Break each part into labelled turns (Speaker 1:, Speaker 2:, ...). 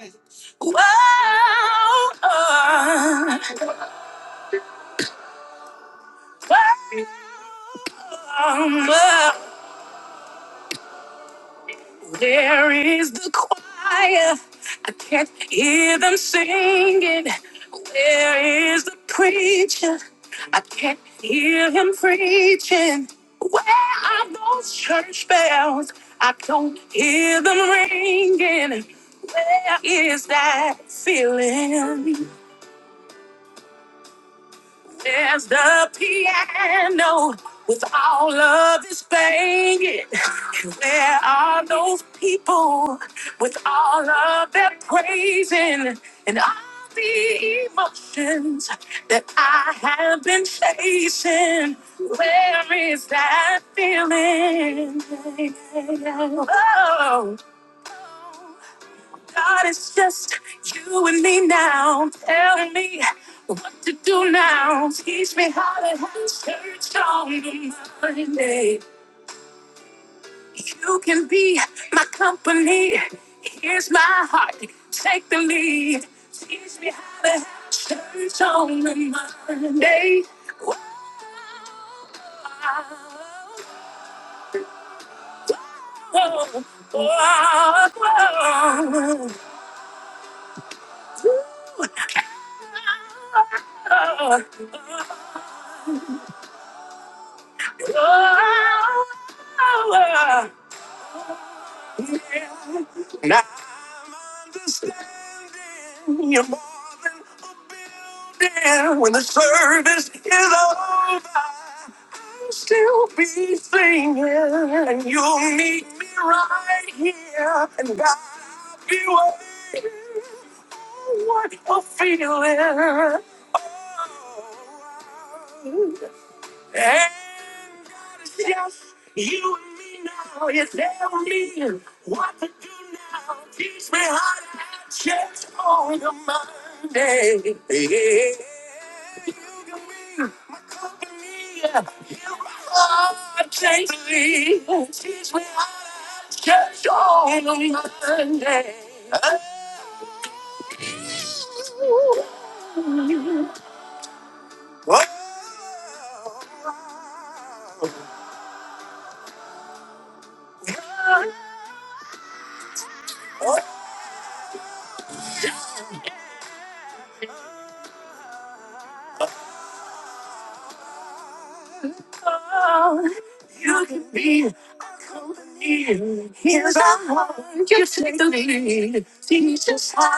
Speaker 1: Wow. Wow. Wow. There is the choir. I can't hear them singing. Where is the preacher? I can't hear him preaching. Where are those church bells? I don't hear them ringing. Where is that feeling? There's the piano with all of its banging. And There are those people with all of their praising and all the emotions that I have been chasing. Where is that feeling? Oh. God, it's just you and me now. Tell me what to do now. Teach me how to have church on the Monday. You can be my company. Here's my heart. Take the lead. Teach me how to have church on the Monday. Whoa, whoa, whoa. Ooh. Ah. Now you're more than dead. When the service is over, I'll still be singing. And you'll meet me right here. And God be waiting. What a feeling. And yes, you and me now. It's ever me. What to do Teach me how to change on a Monday. can't believe teach me church on a Monday. You can be here. Just take the lead. Teach us how.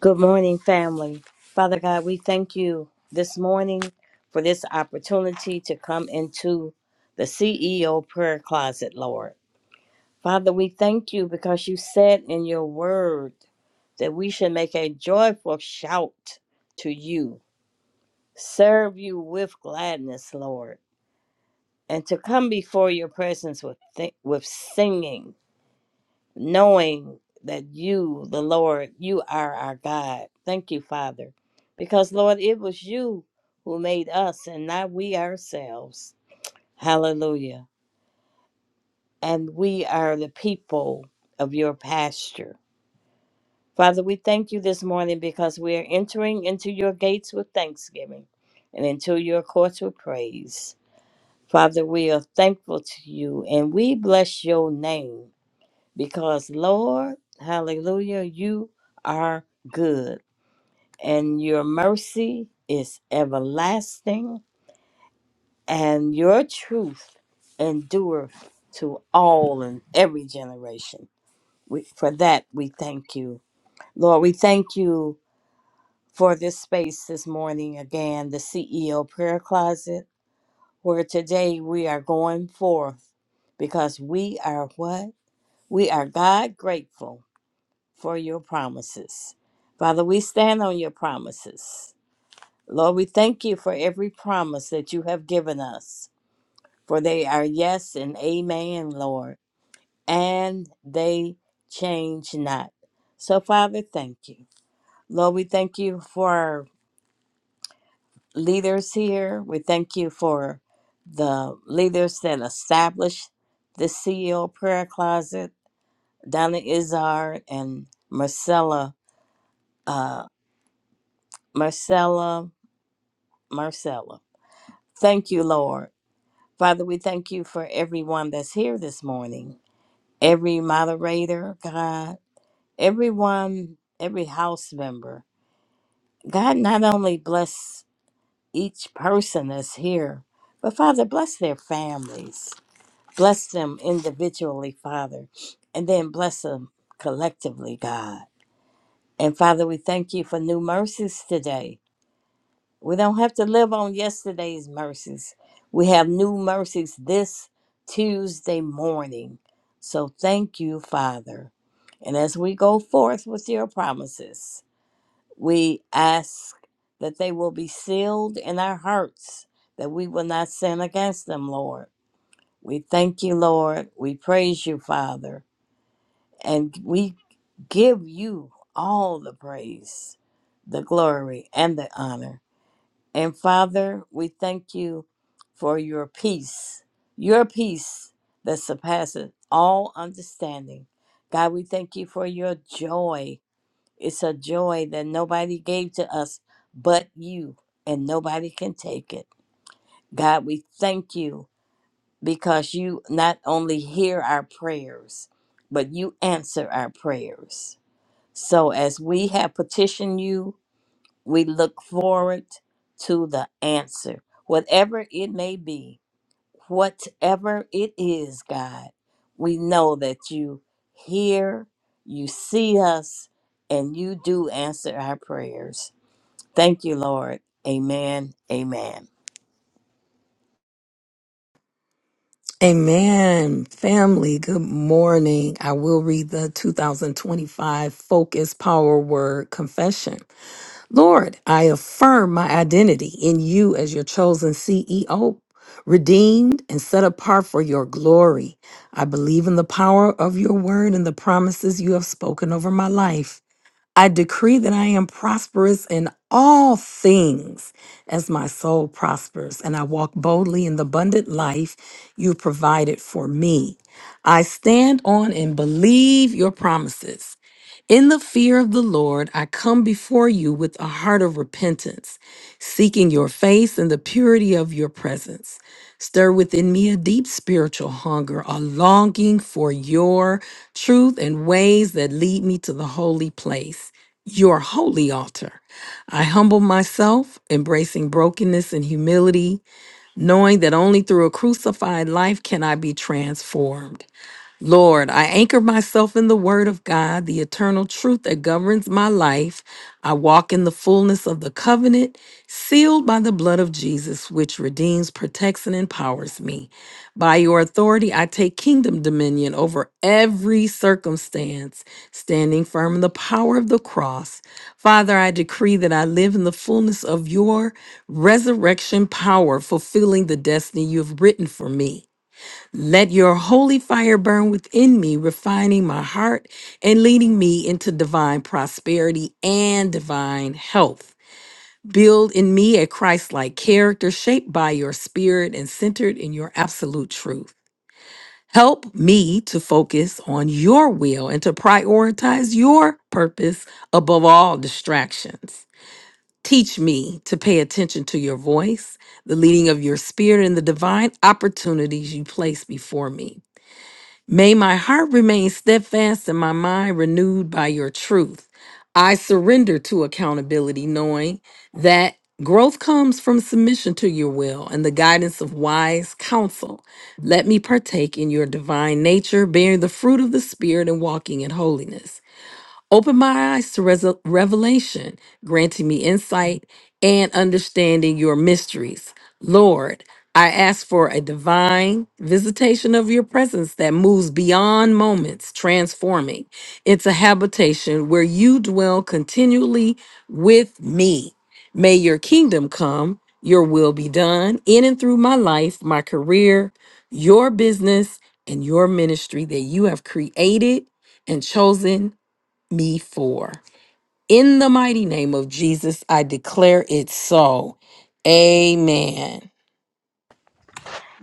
Speaker 2: Good morning, family. Father God, we thank you this morning for this opportunity to come into the CEO prayer closet, Lord. Father, we thank you because you said in your word that we should make a joyful shout to you, serve you with gladness, Lord, and to come before your presence with, th- with singing knowing that you, the Lord, you are our God. Thank you, Father, because Lord, it was you who made us and not we ourselves. Hallelujah. And we are the people of your pasture. Father, we thank you this morning because we are entering into your gates with thanksgiving and into your courts with praise. Father, we are thankful to you and we bless your name. because Lord, hallelujah, you are good and your mercy is everlasting and your truth endureth to all and every generation. We, for that, we thank you. Lord, we thank you for this space this morning again, the CEO prayer closet, where today we are going forth because we are what? We are God grateful for your promises. Father, we stand on your promises. Lord, we thank you for every promise that you have given us, for they are yes and amen, Lord, and they change not. So, Father, thank you. Lord, we thank you for our leaders here. We thank you for the leaders that established the CEO prayer closet, Donna Izard and Marcella, uh, Marcella Marcella. Thank you, Lord. Father, we thank you for everyone that's here this morning, every moderator, God, everyone, every house member. God, not only bless each person that's here, but Father, bless their families, bless them individually, Father, and then bless them collectively, God. And Father, we thank you for new mercies today. We don't have to live on yesterday's mercies. We have new mercies this Tuesday morning. So thank you, Father. And as we go forth with your promises, we ask that they will be sealed in our hearts, that we will not sin against them, Lord. We thank you, Lord. We praise you, Father. And we give you all the praise, the glory, and the honor. And Father, we thank you for your peace, your peace that surpasses all understanding. God, we thank you for your joy. It's a joy that nobody gave to us but you, and nobody can take it. God, we thank you because you not only hear our prayers, but you answer our prayers. So as we have petitioned you, we look forward to the answer, whatever it may be, whatever it is, God. We know that you hear, you see us, and you do answer our prayers. Thank you, Lord. Amen. Amen.
Speaker 1: Amen. Family, good morning. I will read the 2025 Focus Power Word Confession. Lord, I affirm my identity in you as your chosen CEO, redeemed and set apart for your glory. I believe in the power of your word and the promises you have spoken over my life. I decree that I am prosperous in all things as my soul prospers, and I walk boldly in the abundant life you provided for me. I stand on and believe your promises. In the fear of the Lord, I come before you with a heart of repentance, seeking your face and the purity of your presence. Stir within me a deep spiritual hunger, a longing for your truth and ways that lead me to the holy place, your holy altar. I humble myself, embracing brokenness and humility, knowing that only through a crucified life can I be transformed. Lord, I anchor myself in the Word of God, the eternal truth that governs my life. I walk in the fullness of the covenant, sealed by the blood of Jesus, which redeems, protects, and empowers me. By your authority, I take kingdom dominion over every circumstance, standing firm in the power of the cross. Father, I decree that I live in the fullness of your resurrection power, fulfilling the destiny you have written for me. Let your holy fire burn within me, refining my heart and leading me into divine prosperity and divine health. Build in me a Christ like character shaped by your spirit and centered in your absolute truth. Help me to focus on your will and to prioritize your purpose above all distractions. Teach me to pay attention to your voice, the leading of your spirit, and the divine opportunities you place before me. May my heart remain steadfast and my mind renewed by your truth. I surrender to accountability, knowing that growth comes from submission to your will and the guidance of wise counsel. Let me partake in your divine nature, bearing the fruit of the Spirit and walking in holiness. Open my eyes to res- revelation, granting me insight and understanding your mysteries. Lord, I ask for a divine visitation of your presence that moves beyond moments, transforming into habitation where you dwell continually with me. May your kingdom come, your will be done in and through my life, my career, your business, and your ministry that you have created and chosen me for. In the mighty name of Jesus, I declare it so. Amen.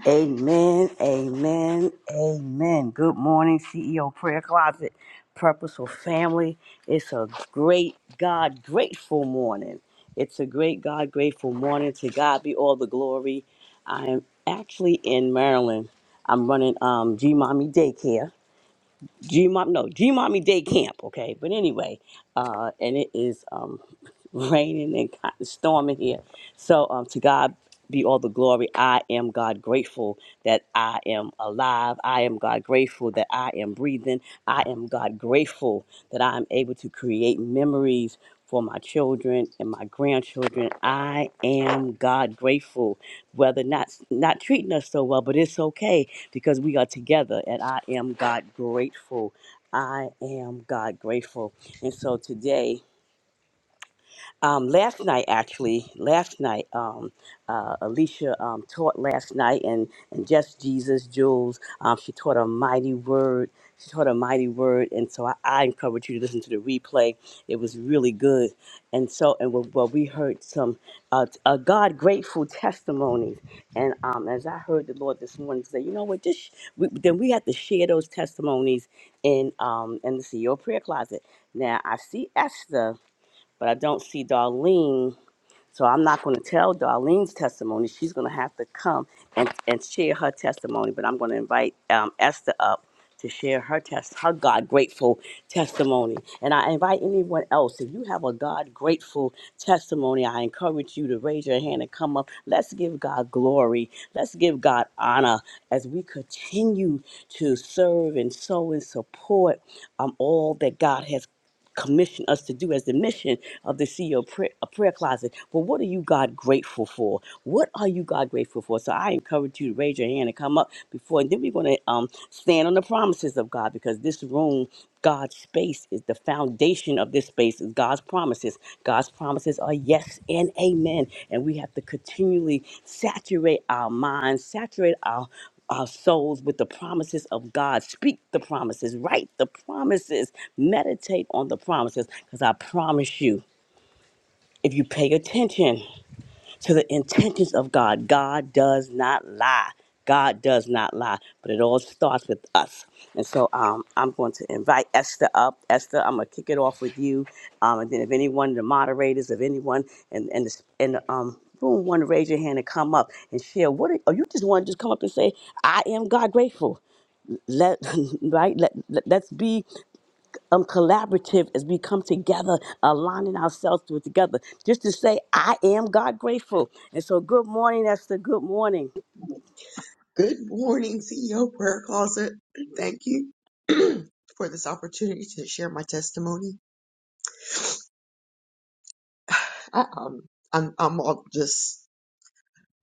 Speaker 3: Amen, amen, amen. Good morning, CEO Prayer Closet, Purposeful Family. It's a great God grateful morning. It's a great God grateful morning. To God be all the glory. I am actually in Maryland. I'm running um, G Mommy Daycare. G Mom, no, G Mommy Day Camp, okay? But anyway, uh, and it is um, raining and kind of storming here. So um, to God be all the glory. I am God grateful that I am alive. I am God grateful that I am breathing. I am God grateful that I am able to create memories for my children and my grandchildren. I am God grateful whether not not treating us so well, but it's okay because we are together, and I am God grateful. I am God grateful, and so today. Um, last night, actually, last night, um, uh, Alicia um, taught last night, and, and just Jesus, Jules, um, she taught a mighty word. She taught a mighty word, and so I, I encourage you to listen to the replay. It was really good, and so and well, well we heard some uh, t- uh, God grateful testimonies, and um, as I heard the Lord this morning say, you know what, this we, then we have to share those testimonies in um in the CEO prayer closet. Now I see Esther but I don't see Darlene. So I'm not going to tell Darlene's testimony. She's going to have to come and, and share her testimony. But I'm going to invite um, Esther up to share her test, her God grateful testimony. And I invite anyone else, if you have a God grateful testimony, I encourage you to raise your hand and come up. Let's give God glory. Let's give God honor as we continue to serve and sow and support um, all that God has commissioned us to do as the mission of the CEO prayer, a prayer closet. But what are you, God, grateful for? What are you, God, grateful for? So I encourage you to raise your hand and come up before, and then we're going to um, stand on the promises of God because this room, God's space, is the foundation of this space, is God's promises. God's promises are yes and amen. And we have to continually saturate our minds, saturate our our souls with the promises of God. Speak the promises, write the promises, meditate on the promises, because I promise you, if you pay attention to the intentions of God, God does not lie. God does not lie, but it all starts with us. And so um, I'm going to invite Esther up. Esther, I'm going to kick it off with you. Um, and then if anyone, the moderators, if anyone in, in, the, in the um, room want to raise your hand and come up and share, what are, or you just want to just come up and say, I am God grateful let right let, let us be um collaborative as we come together aligning ourselves to it together just to say i am god grateful and so good morning esther good morning
Speaker 4: Good morning, CEO Prayer Closet. Thank you for this opportunity to share my testimony. I, um, I'm, I'm all just,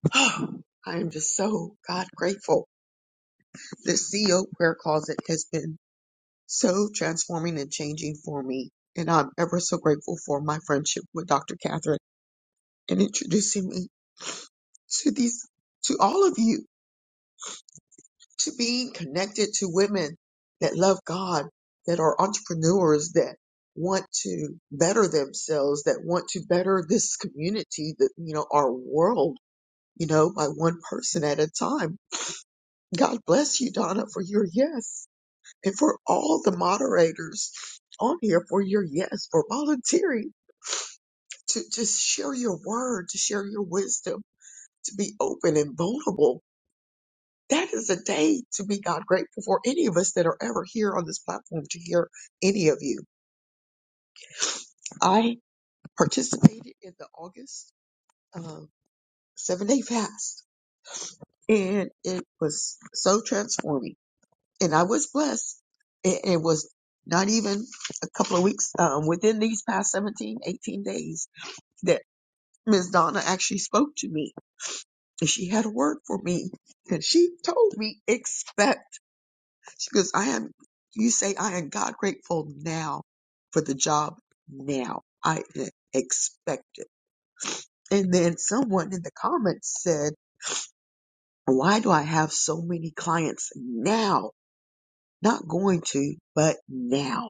Speaker 4: I am just so God grateful. This CEO Prayer Closet has been so transforming and changing for me. And I'm ever so grateful for my friendship with Dr. Catherine and introducing me to these, to all of you to being connected to women that love God, that are entrepreneurs, that want to better themselves, that want to better this community, that, you know, our world, you know, by one person at a time. God bless you, Donna, for your yes and for all the moderators on here for your yes, for volunteering to just share your word, to share your wisdom, to be open and vulnerable That is a day to be God grateful for any of us that are ever here on this platform to hear any of you. I participated in the August um, seven day fast and it was so transforming and I was blessed. It, it was not even a couple of weeks um, within these past 17, 18 days that Ms. Donna actually spoke to me and she had a word for me and she told me expect. She goes, I am, you say, I am God grateful now for the job now. I expect it. And then someone in the comments said, why do I have so many clients now? Not going to, but now.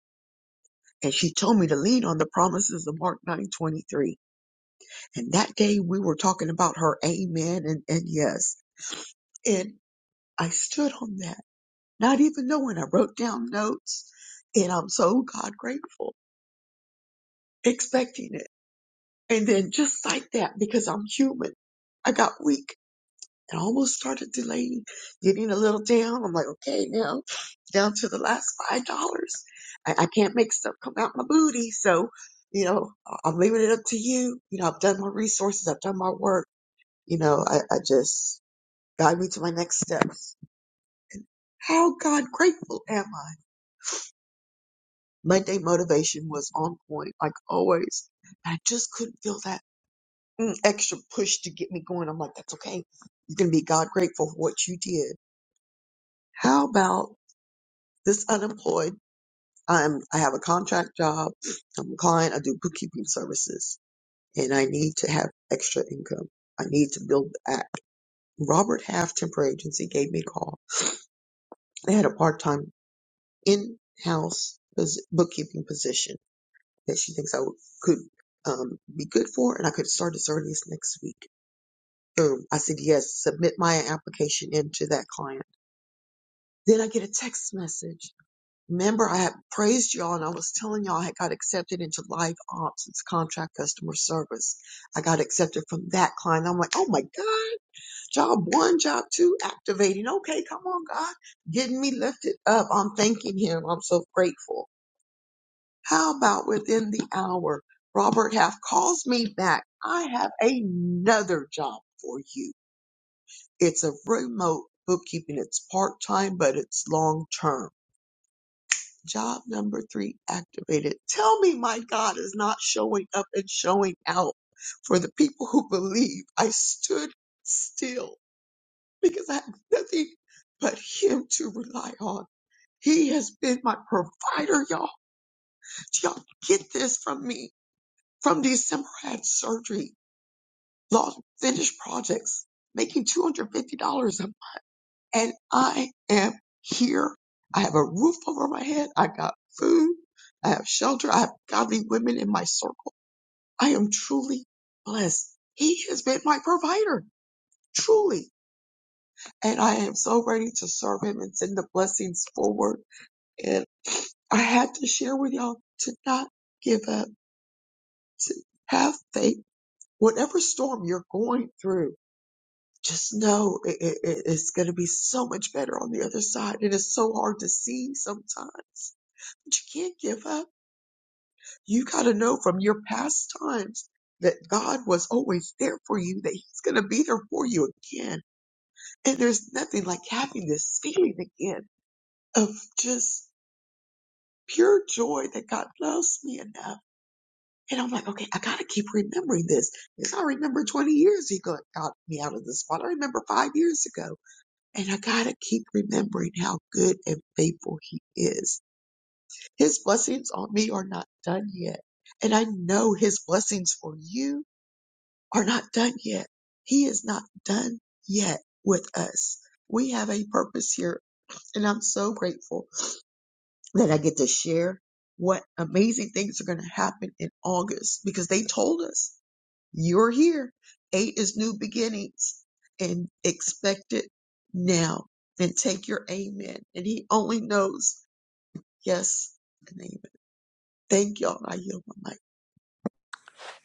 Speaker 4: And she told me to lean on the promises of Mark 9:23. And that day we were talking about her amen and, and yes. And I stood on that, not even knowing I wrote down notes. And I'm so God grateful expecting it And then just like that, because I'm human, I got weak and almost started delaying, getting a little down. I'm like, okay, now down to the last five dollars. I, I can't make stuff come out my booty. So, you know, I- I'm leaving it up to you. You know, I've done my resources. I've done my work. You know, I, I just guide me to my next steps. How God grateful am I? Monday motivation was on point, like always. I just couldn't feel that. mm, extra push to get me going. I'm like, that's okay. You can be God grateful for what you did. How about this unemployed? I'm, I have a contract job. I'm a client. I do bookkeeping services and I need to have extra income. I need to build that. Robert Half Temporary Agency gave me a call. They had a part-time in-house pos- bookkeeping position that she thinks I would, could um, be good for and I could start as early as next week. Boom. I said, yes, submit my application into that client Then I get a text message. Remember, I had praised y'all and I was telling y'all I had got accepted into live ops. It's contract customer service. I got accepted from that client. I'm like, oh my God, job one, job two, activating. Okay, come on, God, getting me lifted up. I'm thanking him. I'm so grateful. How about within the hour, Robert Half calls me back. I have another job for you. It's a remote bookkeeping. It's part time, but it's long term Job number three activated. Tell me my God is not showing up and showing out for the people who believe. I stood still because I have nothing but him to rely on. He has been my provider, y'all. Do y'all get this from me? From December, I had surgery, lost finished projects, making $250 a and I am here. I have a roof over my head. I got food. I have shelter. I have godly women in my circle. I am truly blessed. He has been my provider, truly. And I am so ready to serve him and send the blessings forward. And I had to share with y'all to not give up, to have faith, whatever storm you're going through. just know it, it, it- it's going to be so much better on the other side. It is so hard to see sometimes, but you can't give up. You got to know from your past times that God was always there for you, that He's going to be there for you again. And there's nothing like having this feeling again of just pure joy that God loves me enough. And I'm like, okay, I gotta keep remembering this. Because I remember 20 years ago, it got me out of this spot. I remember five years ago. And I gotta keep remembering how good and faithful he is. His blessings on me are not done yet. And I know his blessings for you are not done yet. He is not done yet with us. We have a purpose here and I'm so grateful that I get to share what amazing things are going to happen in August because they told us. You're here. Eight is new beginnings and expect it now and take your amen. And he only knows yes and amen. Thank y'all. I yield my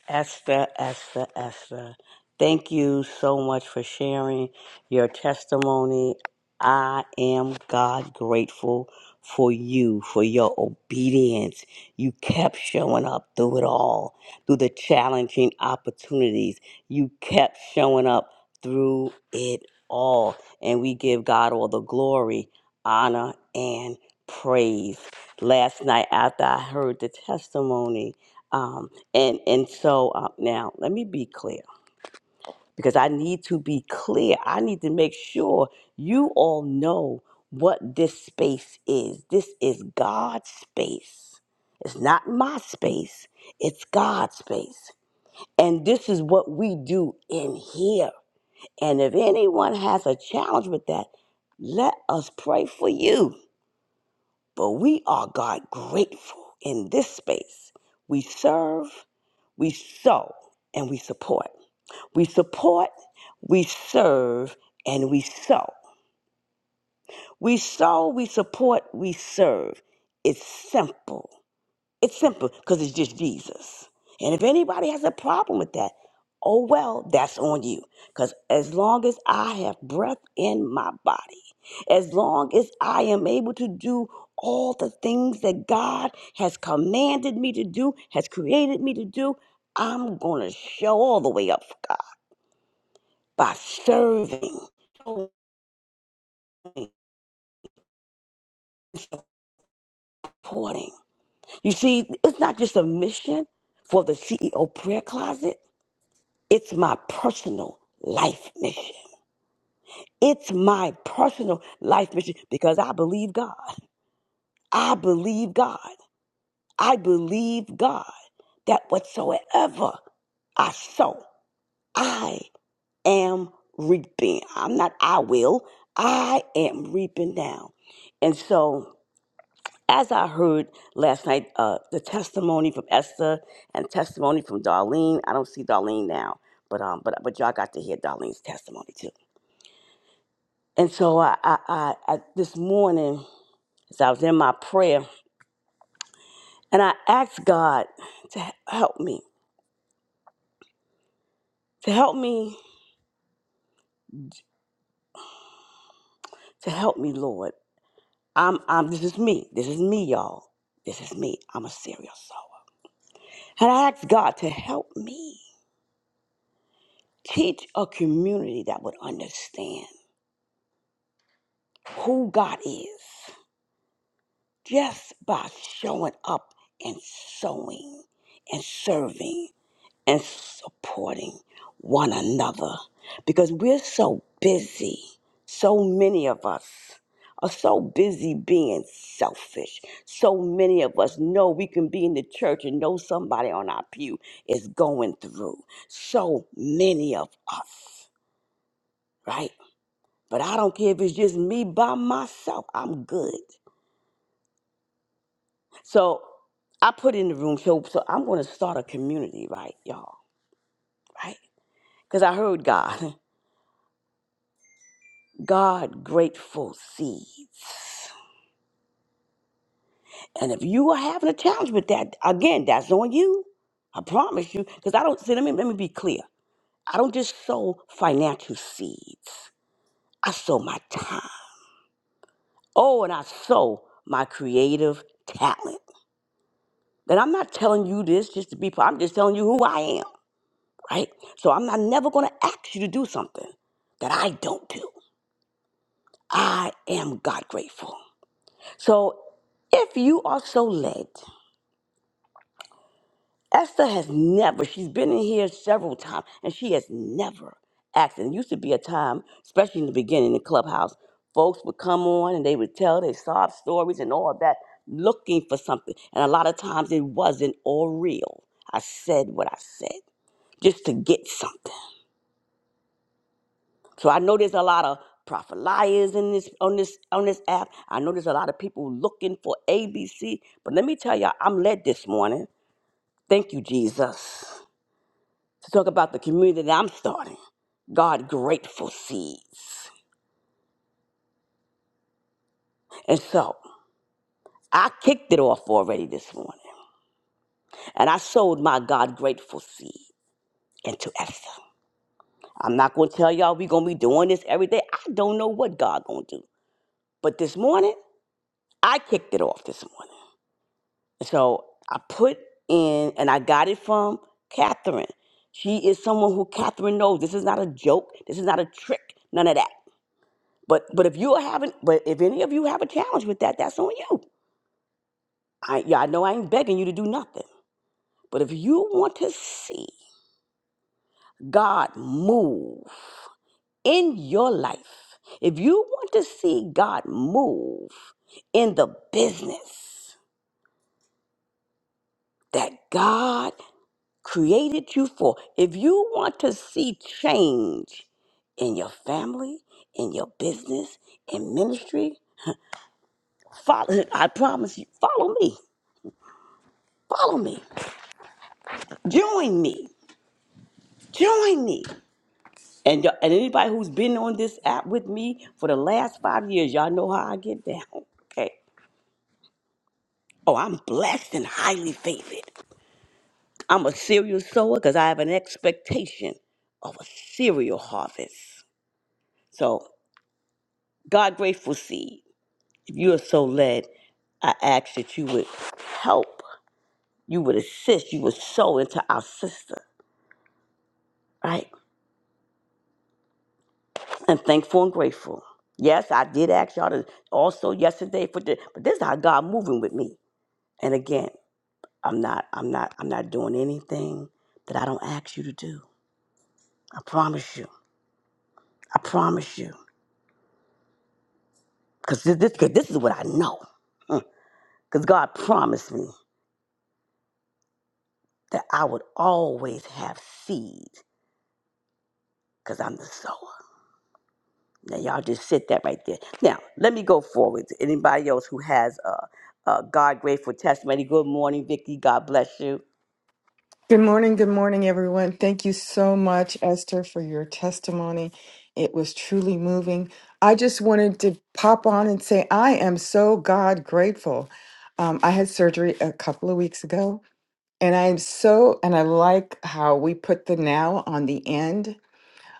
Speaker 3: Esther, Esther, Esther, thank you so much for sharing your testimony. I am God grateful for you, for your obedience. You kept showing up through it all, through the challenging opportunities. You kept showing up through it all. And we give God all the glory, honor, and praise. Last night, after I heard the testimony, um, and and so uh, now let me be clear because I need to be clear. I need to make sure you all know what this space is. This is God's space. It's not my space. It's God's space. And this is what we do in here. And if anyone has a challenge with that, let us pray for you. But we are God grateful in this space. We serve, we sow, and we support. We support, we serve, and we sow. We sow, we support, we serve. It's simple. It's simple because it's just Jesus. And if anybody has a problem with that, oh well, that's on you. Because as long as I have breath in my body, as long as I am able to do all the things that God has commanded me to do, has created me to do, I'm going to show all the way up for God. by serving, supporting. You see, it's not just a mission for the CEO prayer closet, it's my personal life mission. It's my personal life mission because I believe God. I believe God. I believe God that whatsoever I sow, I am reaping. I'm not I will, I am reaping now. And so as I heard last night, uh, the testimony from Esther and testimony from Darlene. I don't see Darlene now, but um, but but y'all got to hear Darlene's testimony too. And so I, I, I, I this morning, as I was in my prayer, and I asked God to help me, to help me, to help me, Lord. I'm, I'm. This is me. This is me, y'all. This is me. I'm a serial soul. And I asked God to help me teach a community that would understand who God is just by showing up and sowing and serving and supporting one another because we're so busy. So many of us are so busy being selfish. So many of us know we can be in the church and know somebody on our pew is going through. So many of us, right? But I don't care if it's just me by myself, I'm good. So I put in the room. So, so I'm going to start a community, right, y'all, right? Because I heard God, God grateful seeds. And if you are having a challenge with that, again, that's on you. I promise you. Because I don't, see, let me, let me be clear. I don't just sow financial seeds. I sow my time. Oh, and I sow my creative talent. And I'm not telling you this just to be, I'm just telling you who I am. right? So I'm not never going to ask you to do something that I don't do. I am God grateful. So if you are so led, Esther has never, she's been in here several times, and she has never asked. And it used to be a time, especially in the beginning in the clubhouse, folks would come on and they would tell their sob stories and all that, looking for something. And a lot of times it wasn't all real. I said what I said just to get something. So I know there's a lot of prophet liars in this on this on this app. I know there's a lot of people looking for ABC, but let me tell y'all, I'm led this morning. Thank you, Jesus, to talk about the community that I'm starting. God grateful seeds. And so I kicked it off already this morning. And I sowed my God grateful seed into Esther. I'm not gonna tell y'all we are gonna be doing this every day. I don't know what God gonna do. But this morning, I kicked it off this morning. So I put in, and I got it from Catherine. She is someone who Catherine knows. This is not a joke. This is not a trick. None of that. But but if you are having, but if any of you have a challenge with that, that's on you. I yeah, I know I ain't begging you to do nothing. But if you want to see God move in your life, if you want to see God move in the business that God created you for. If you want to see change in your family, in your business, in ministry, follow I promise you, follow me. Follow me. Join me. Join me. And, y- and anybody who's been on this app with me for the last five years, y'all know how I get down. Okay. Oh, I'm blessed and highly favored. I'm a serial sower because I have an expectation of a cereal harvest. So, God grateful seed. If you are so led, I ask that you would help, you would assist, you would sow into our sister, right? And thankful and grateful. Yes, I did ask y'all to also yesterday for the, but this is how God moving with me. And again, I'm not, I'm not, I'm not doing anything that I don't ask you to do. I promise you. I promise you. Because this, this, 'cause this is what I know. Because God promised me that I would always have seed because I'm the sower. Now y'all just sit that right there. Now let me go forward. anybody else who has a, a God grateful testimony? Good morning, Vicky. God bless you.
Speaker 5: Good morning, good morning, everyone. Thank you so much, Esther, for your testimony. It was truly moving. I just wanted to pop on and say I am so God grateful. Um, I had surgery a couple of weeks ago, and I am so, and I like how we put the now on the end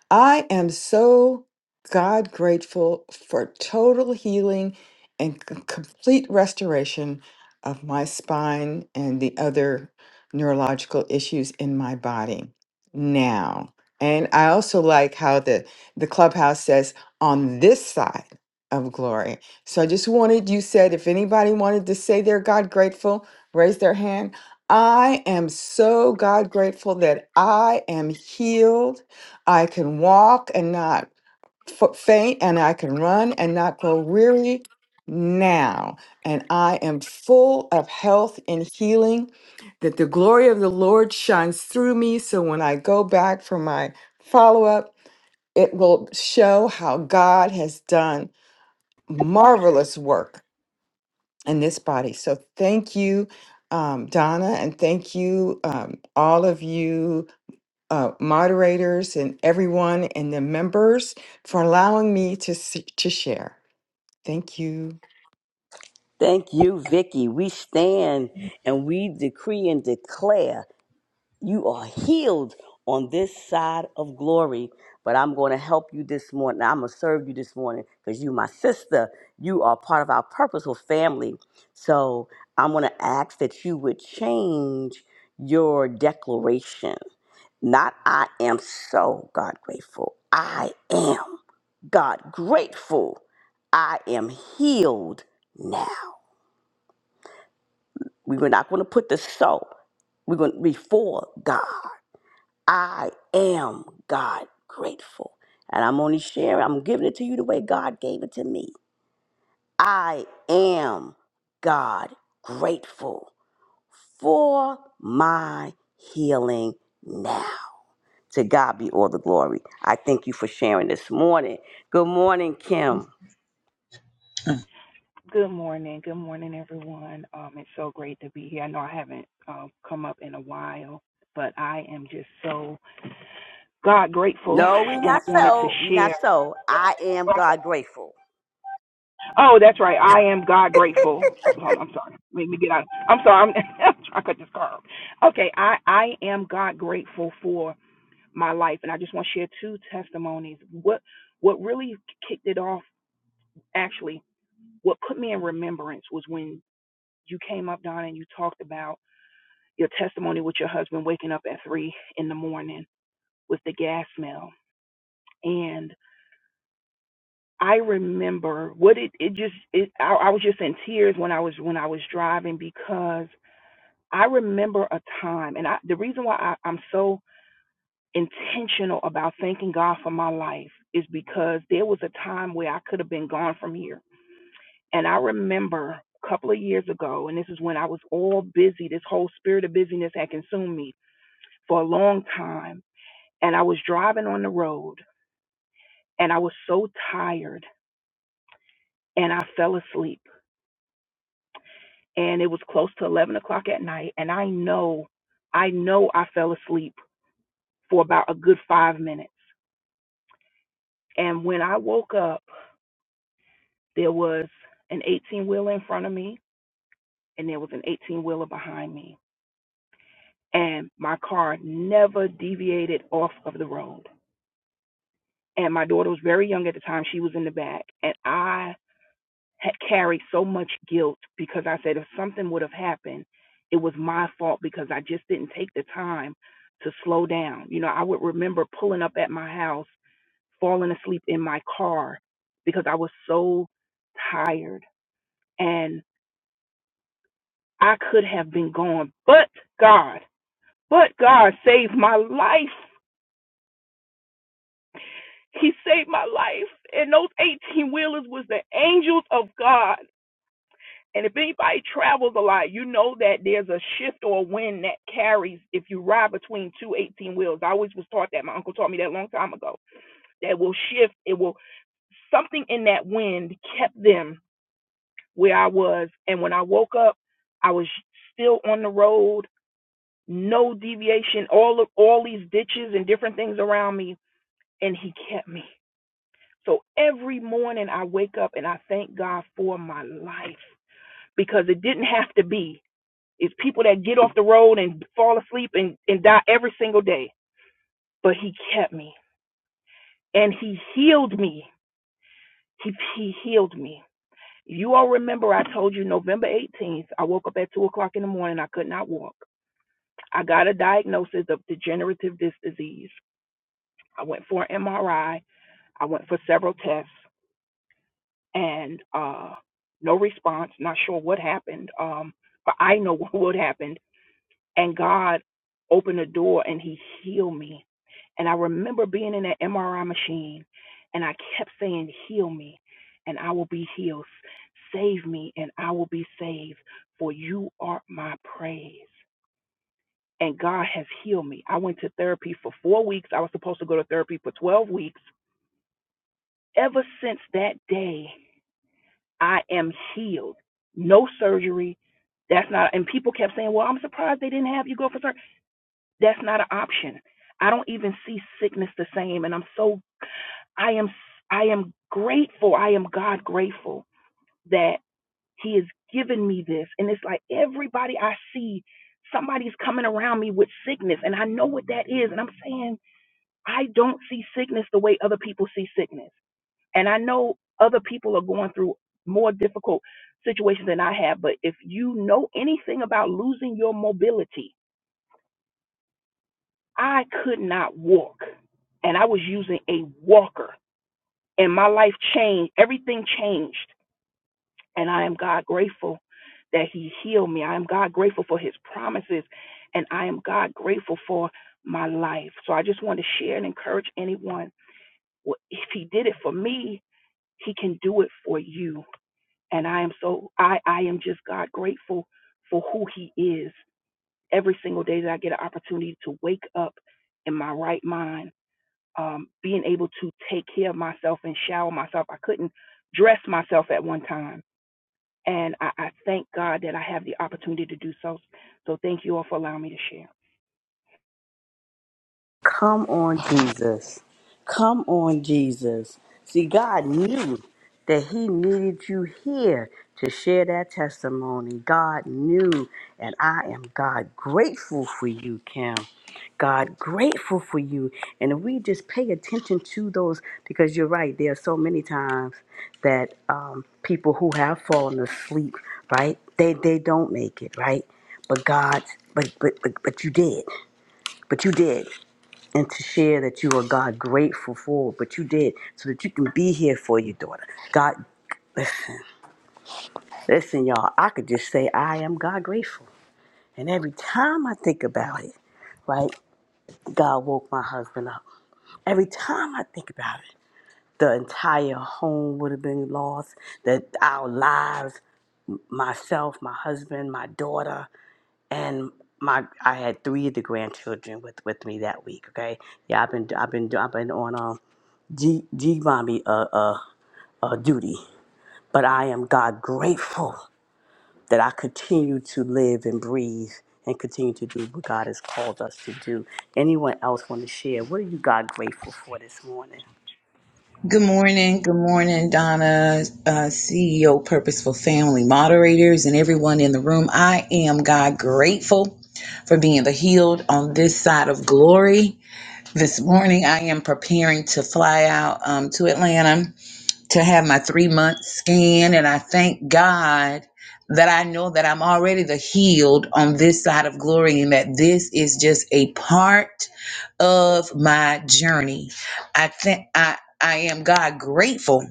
Speaker 5: I am so God grateful for total healing and c- complete restoration of my spine and the other neurological issues in my body now. And I also like how the, the clubhouse says on this side of glory. So I just wanted, you said, if anybody wanted to say they're God grateful, raise their hand. I am so God grateful that I am healed I can walk and not f- faint, and I can run and not grow weary now. And I am full of health and healing, that the glory of the Lord shines through me. So when I go back for my follow up, it will show how God has done marvelous work in this body. So thank you, um, Donna, and thank you, um, all of you uh, moderators and everyone and the members for allowing me to s- to share. Thank you.
Speaker 3: Thank you, Vicky. We stand and we decree and declare you are healed on this side of glory. But I'm going to help you this morning. I'm going to serve you this morning because you, my sister, you are part of our purposeful family. So I'm going to ask that you would change your declaration Not I am so God grateful. I am God grateful. I am healed now. We were not going to put the so. We're going to before God. I am God grateful. And I'm only sharing, I'm giving it to you the way God gave it to me. I am God grateful for my healing now. To God be all the glory. I thank you for sharing this morning. Good morning, Kim.
Speaker 6: Good morning. Good morning, everyone. Um, it's so great to be here. I know I haven't uh, come up in a while, but I am just so God grateful,
Speaker 3: No, we
Speaker 6: and
Speaker 3: not
Speaker 6: I wanted to
Speaker 3: so. We not
Speaker 6: share.
Speaker 3: so. I am God grateful.
Speaker 6: Oh, that's right. I am God grateful. Hold on, I'm sorry. Make me get out. I'm sorry. I'm, I'm trying to cut this car off. Okay, I I am God grateful for my life, and I just want to share two testimonies. What what really kicked it off, actually, what put me in remembrance was when you came up, Donna, and you talked about. your testimony with your husband waking up at three in the morning with the gas smell. And I remember what it it just it I, I was just in tears when I was when I was driving because I remember a time and I the reason why I, I'm so intentional about thanking God for my life is because there was a time where I could have been gone from here. And I remember a couple of years ago, and this is when I was all busy, this whole spirit of busyness had consumed me for a long time and I was driving on the road and I was so tired and I fell asleep and it was close to 11 o'clock at night and I know, I know I fell asleep for about a good five minutes. And when I woke up, there was an 18 wheeler in front of me and there was an 18 wheeler behind me and my car never deviated off of the road. And my daughter was very young at the time. She was in the back and I ha- carried so much guilt because I said if something would have happened, it was my fault because I just didn't take the time to slow down. You know, I would remember pulling up at my house, falling asleep in my car because I was so tired and I could have been gone, but God, but God saved my life. He saved my life. And those 18 wheelers was the angels of God And if anybody travels a lot, you know that there's a shift or a wind that carries if you ride between two eighteen wheels. I always was taught that. My uncle taught me that a long time ago. That will shift. It will, something in that wind kept them where I was. And when I woke up, I was still on the road, no deviation, all of, all these ditches and different things around me. And he kept me. So every morning I wake up and I thank God for my life because it didn't have to be It's people that get off the road and fall asleep and, and die every single day. But he kept me and he healed me. He, he healed me. You all remember I told you November 18th, I woke up at 2 o'clock in the morning. I could not walk. I got a diagnosis of degenerative disc disease. I went for an MRI. I I went for several tests and uh, no response. Not sure what happened, um, but I know what happened and God opened the door and he healed me. And I remember being in that MRI machine and I kept saying, Heal me and I will be healed. Save me and I will be saved, for you are my praise. And God has healed me. I went to therapy for four weeks. I was supposed to go to therapy for 12 weeks. Ever since that day, I am healed. No surgery. That's not, and people kept saying, Well, I'm surprised they didn't have you go for surgery. That's not an option. I don't even see sickness the same. And I'm so I am I am grateful. I am God grateful that He has given me this. And it's like everybody I see, somebody's coming around me with sickness. And I know what that is. And I'm saying, I don't see sickness the way other people see sickness. And I know other people are going through more difficult situations than I have. But if you know anything about losing your mobility, I could not walk, and I was using a walker, and my life changed. Everything changed, and I am God grateful that He healed me. I am God grateful for His promises, and I am God grateful for my life. So I just want to share and encourage anyone. Well, If He did it for me, He can do it for you. And I am so I I am just God grateful for who He is. Every single day that I get an opportunity to wake up in my right mind um, being able to take care of myself and shower myself. I couldn't dress myself at one time. And I, I thank God that I have the opportunity to do so. So thank you all for allowing me to share.
Speaker 3: Come on, Jesus. Come on, Jesus. See, God knew that He needed you here to share that testimony. God knew, and I am God grateful for you, Kim. God grateful for you. And if we just pay attention to those, because you're right, there are so many times that um, people who have fallen asleep, right? They they don't make it, right? But God, but but but, but you did. But you did and to share that you are God grateful for what you did so that you can be here for your daughter. God, listen, y'all, I could just say, I am God grateful. And every time I think about it, right, God woke my husband up. Every time I think about it, the entire home would have been lost, that our lives, myself, my husband, my daughter, and my I had three of the grandchildren with, with me that week, okay? Yeah, I've been I've been I've been on um G G mommy uh uh uh, duty. But I am God grateful that I continue to live and breathe and continue to do what God has called us to do. Anyone else want to share? What are you God grateful for this morning?
Speaker 7: Good morning. Good morning, Donna, uh, CEO Purposeful Family Moderators, and everyone in the room. I am God grateful for being the healed on this side of glory. This morning, I am preparing to fly out um, to Atlanta to have my three month scan, and I thank God that I know that I'm already the healed on this side of glory and that this is just a part. of my journey. I think I I am God grateful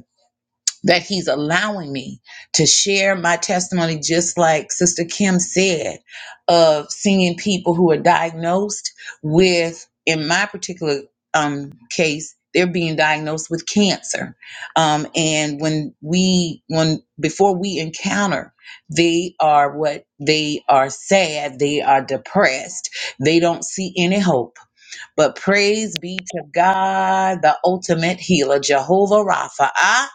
Speaker 7: that he's allowing me to share my testimony just like Sister Kim said of seeing people who are diagnosed with in my particular um case they're being diagnosed with cancer. Um, and when we when before we encounter they are what they are sad, they are depressed, they don't see any hope but praise be to God, the ultimate healer, Jehovah Rapha. Ah,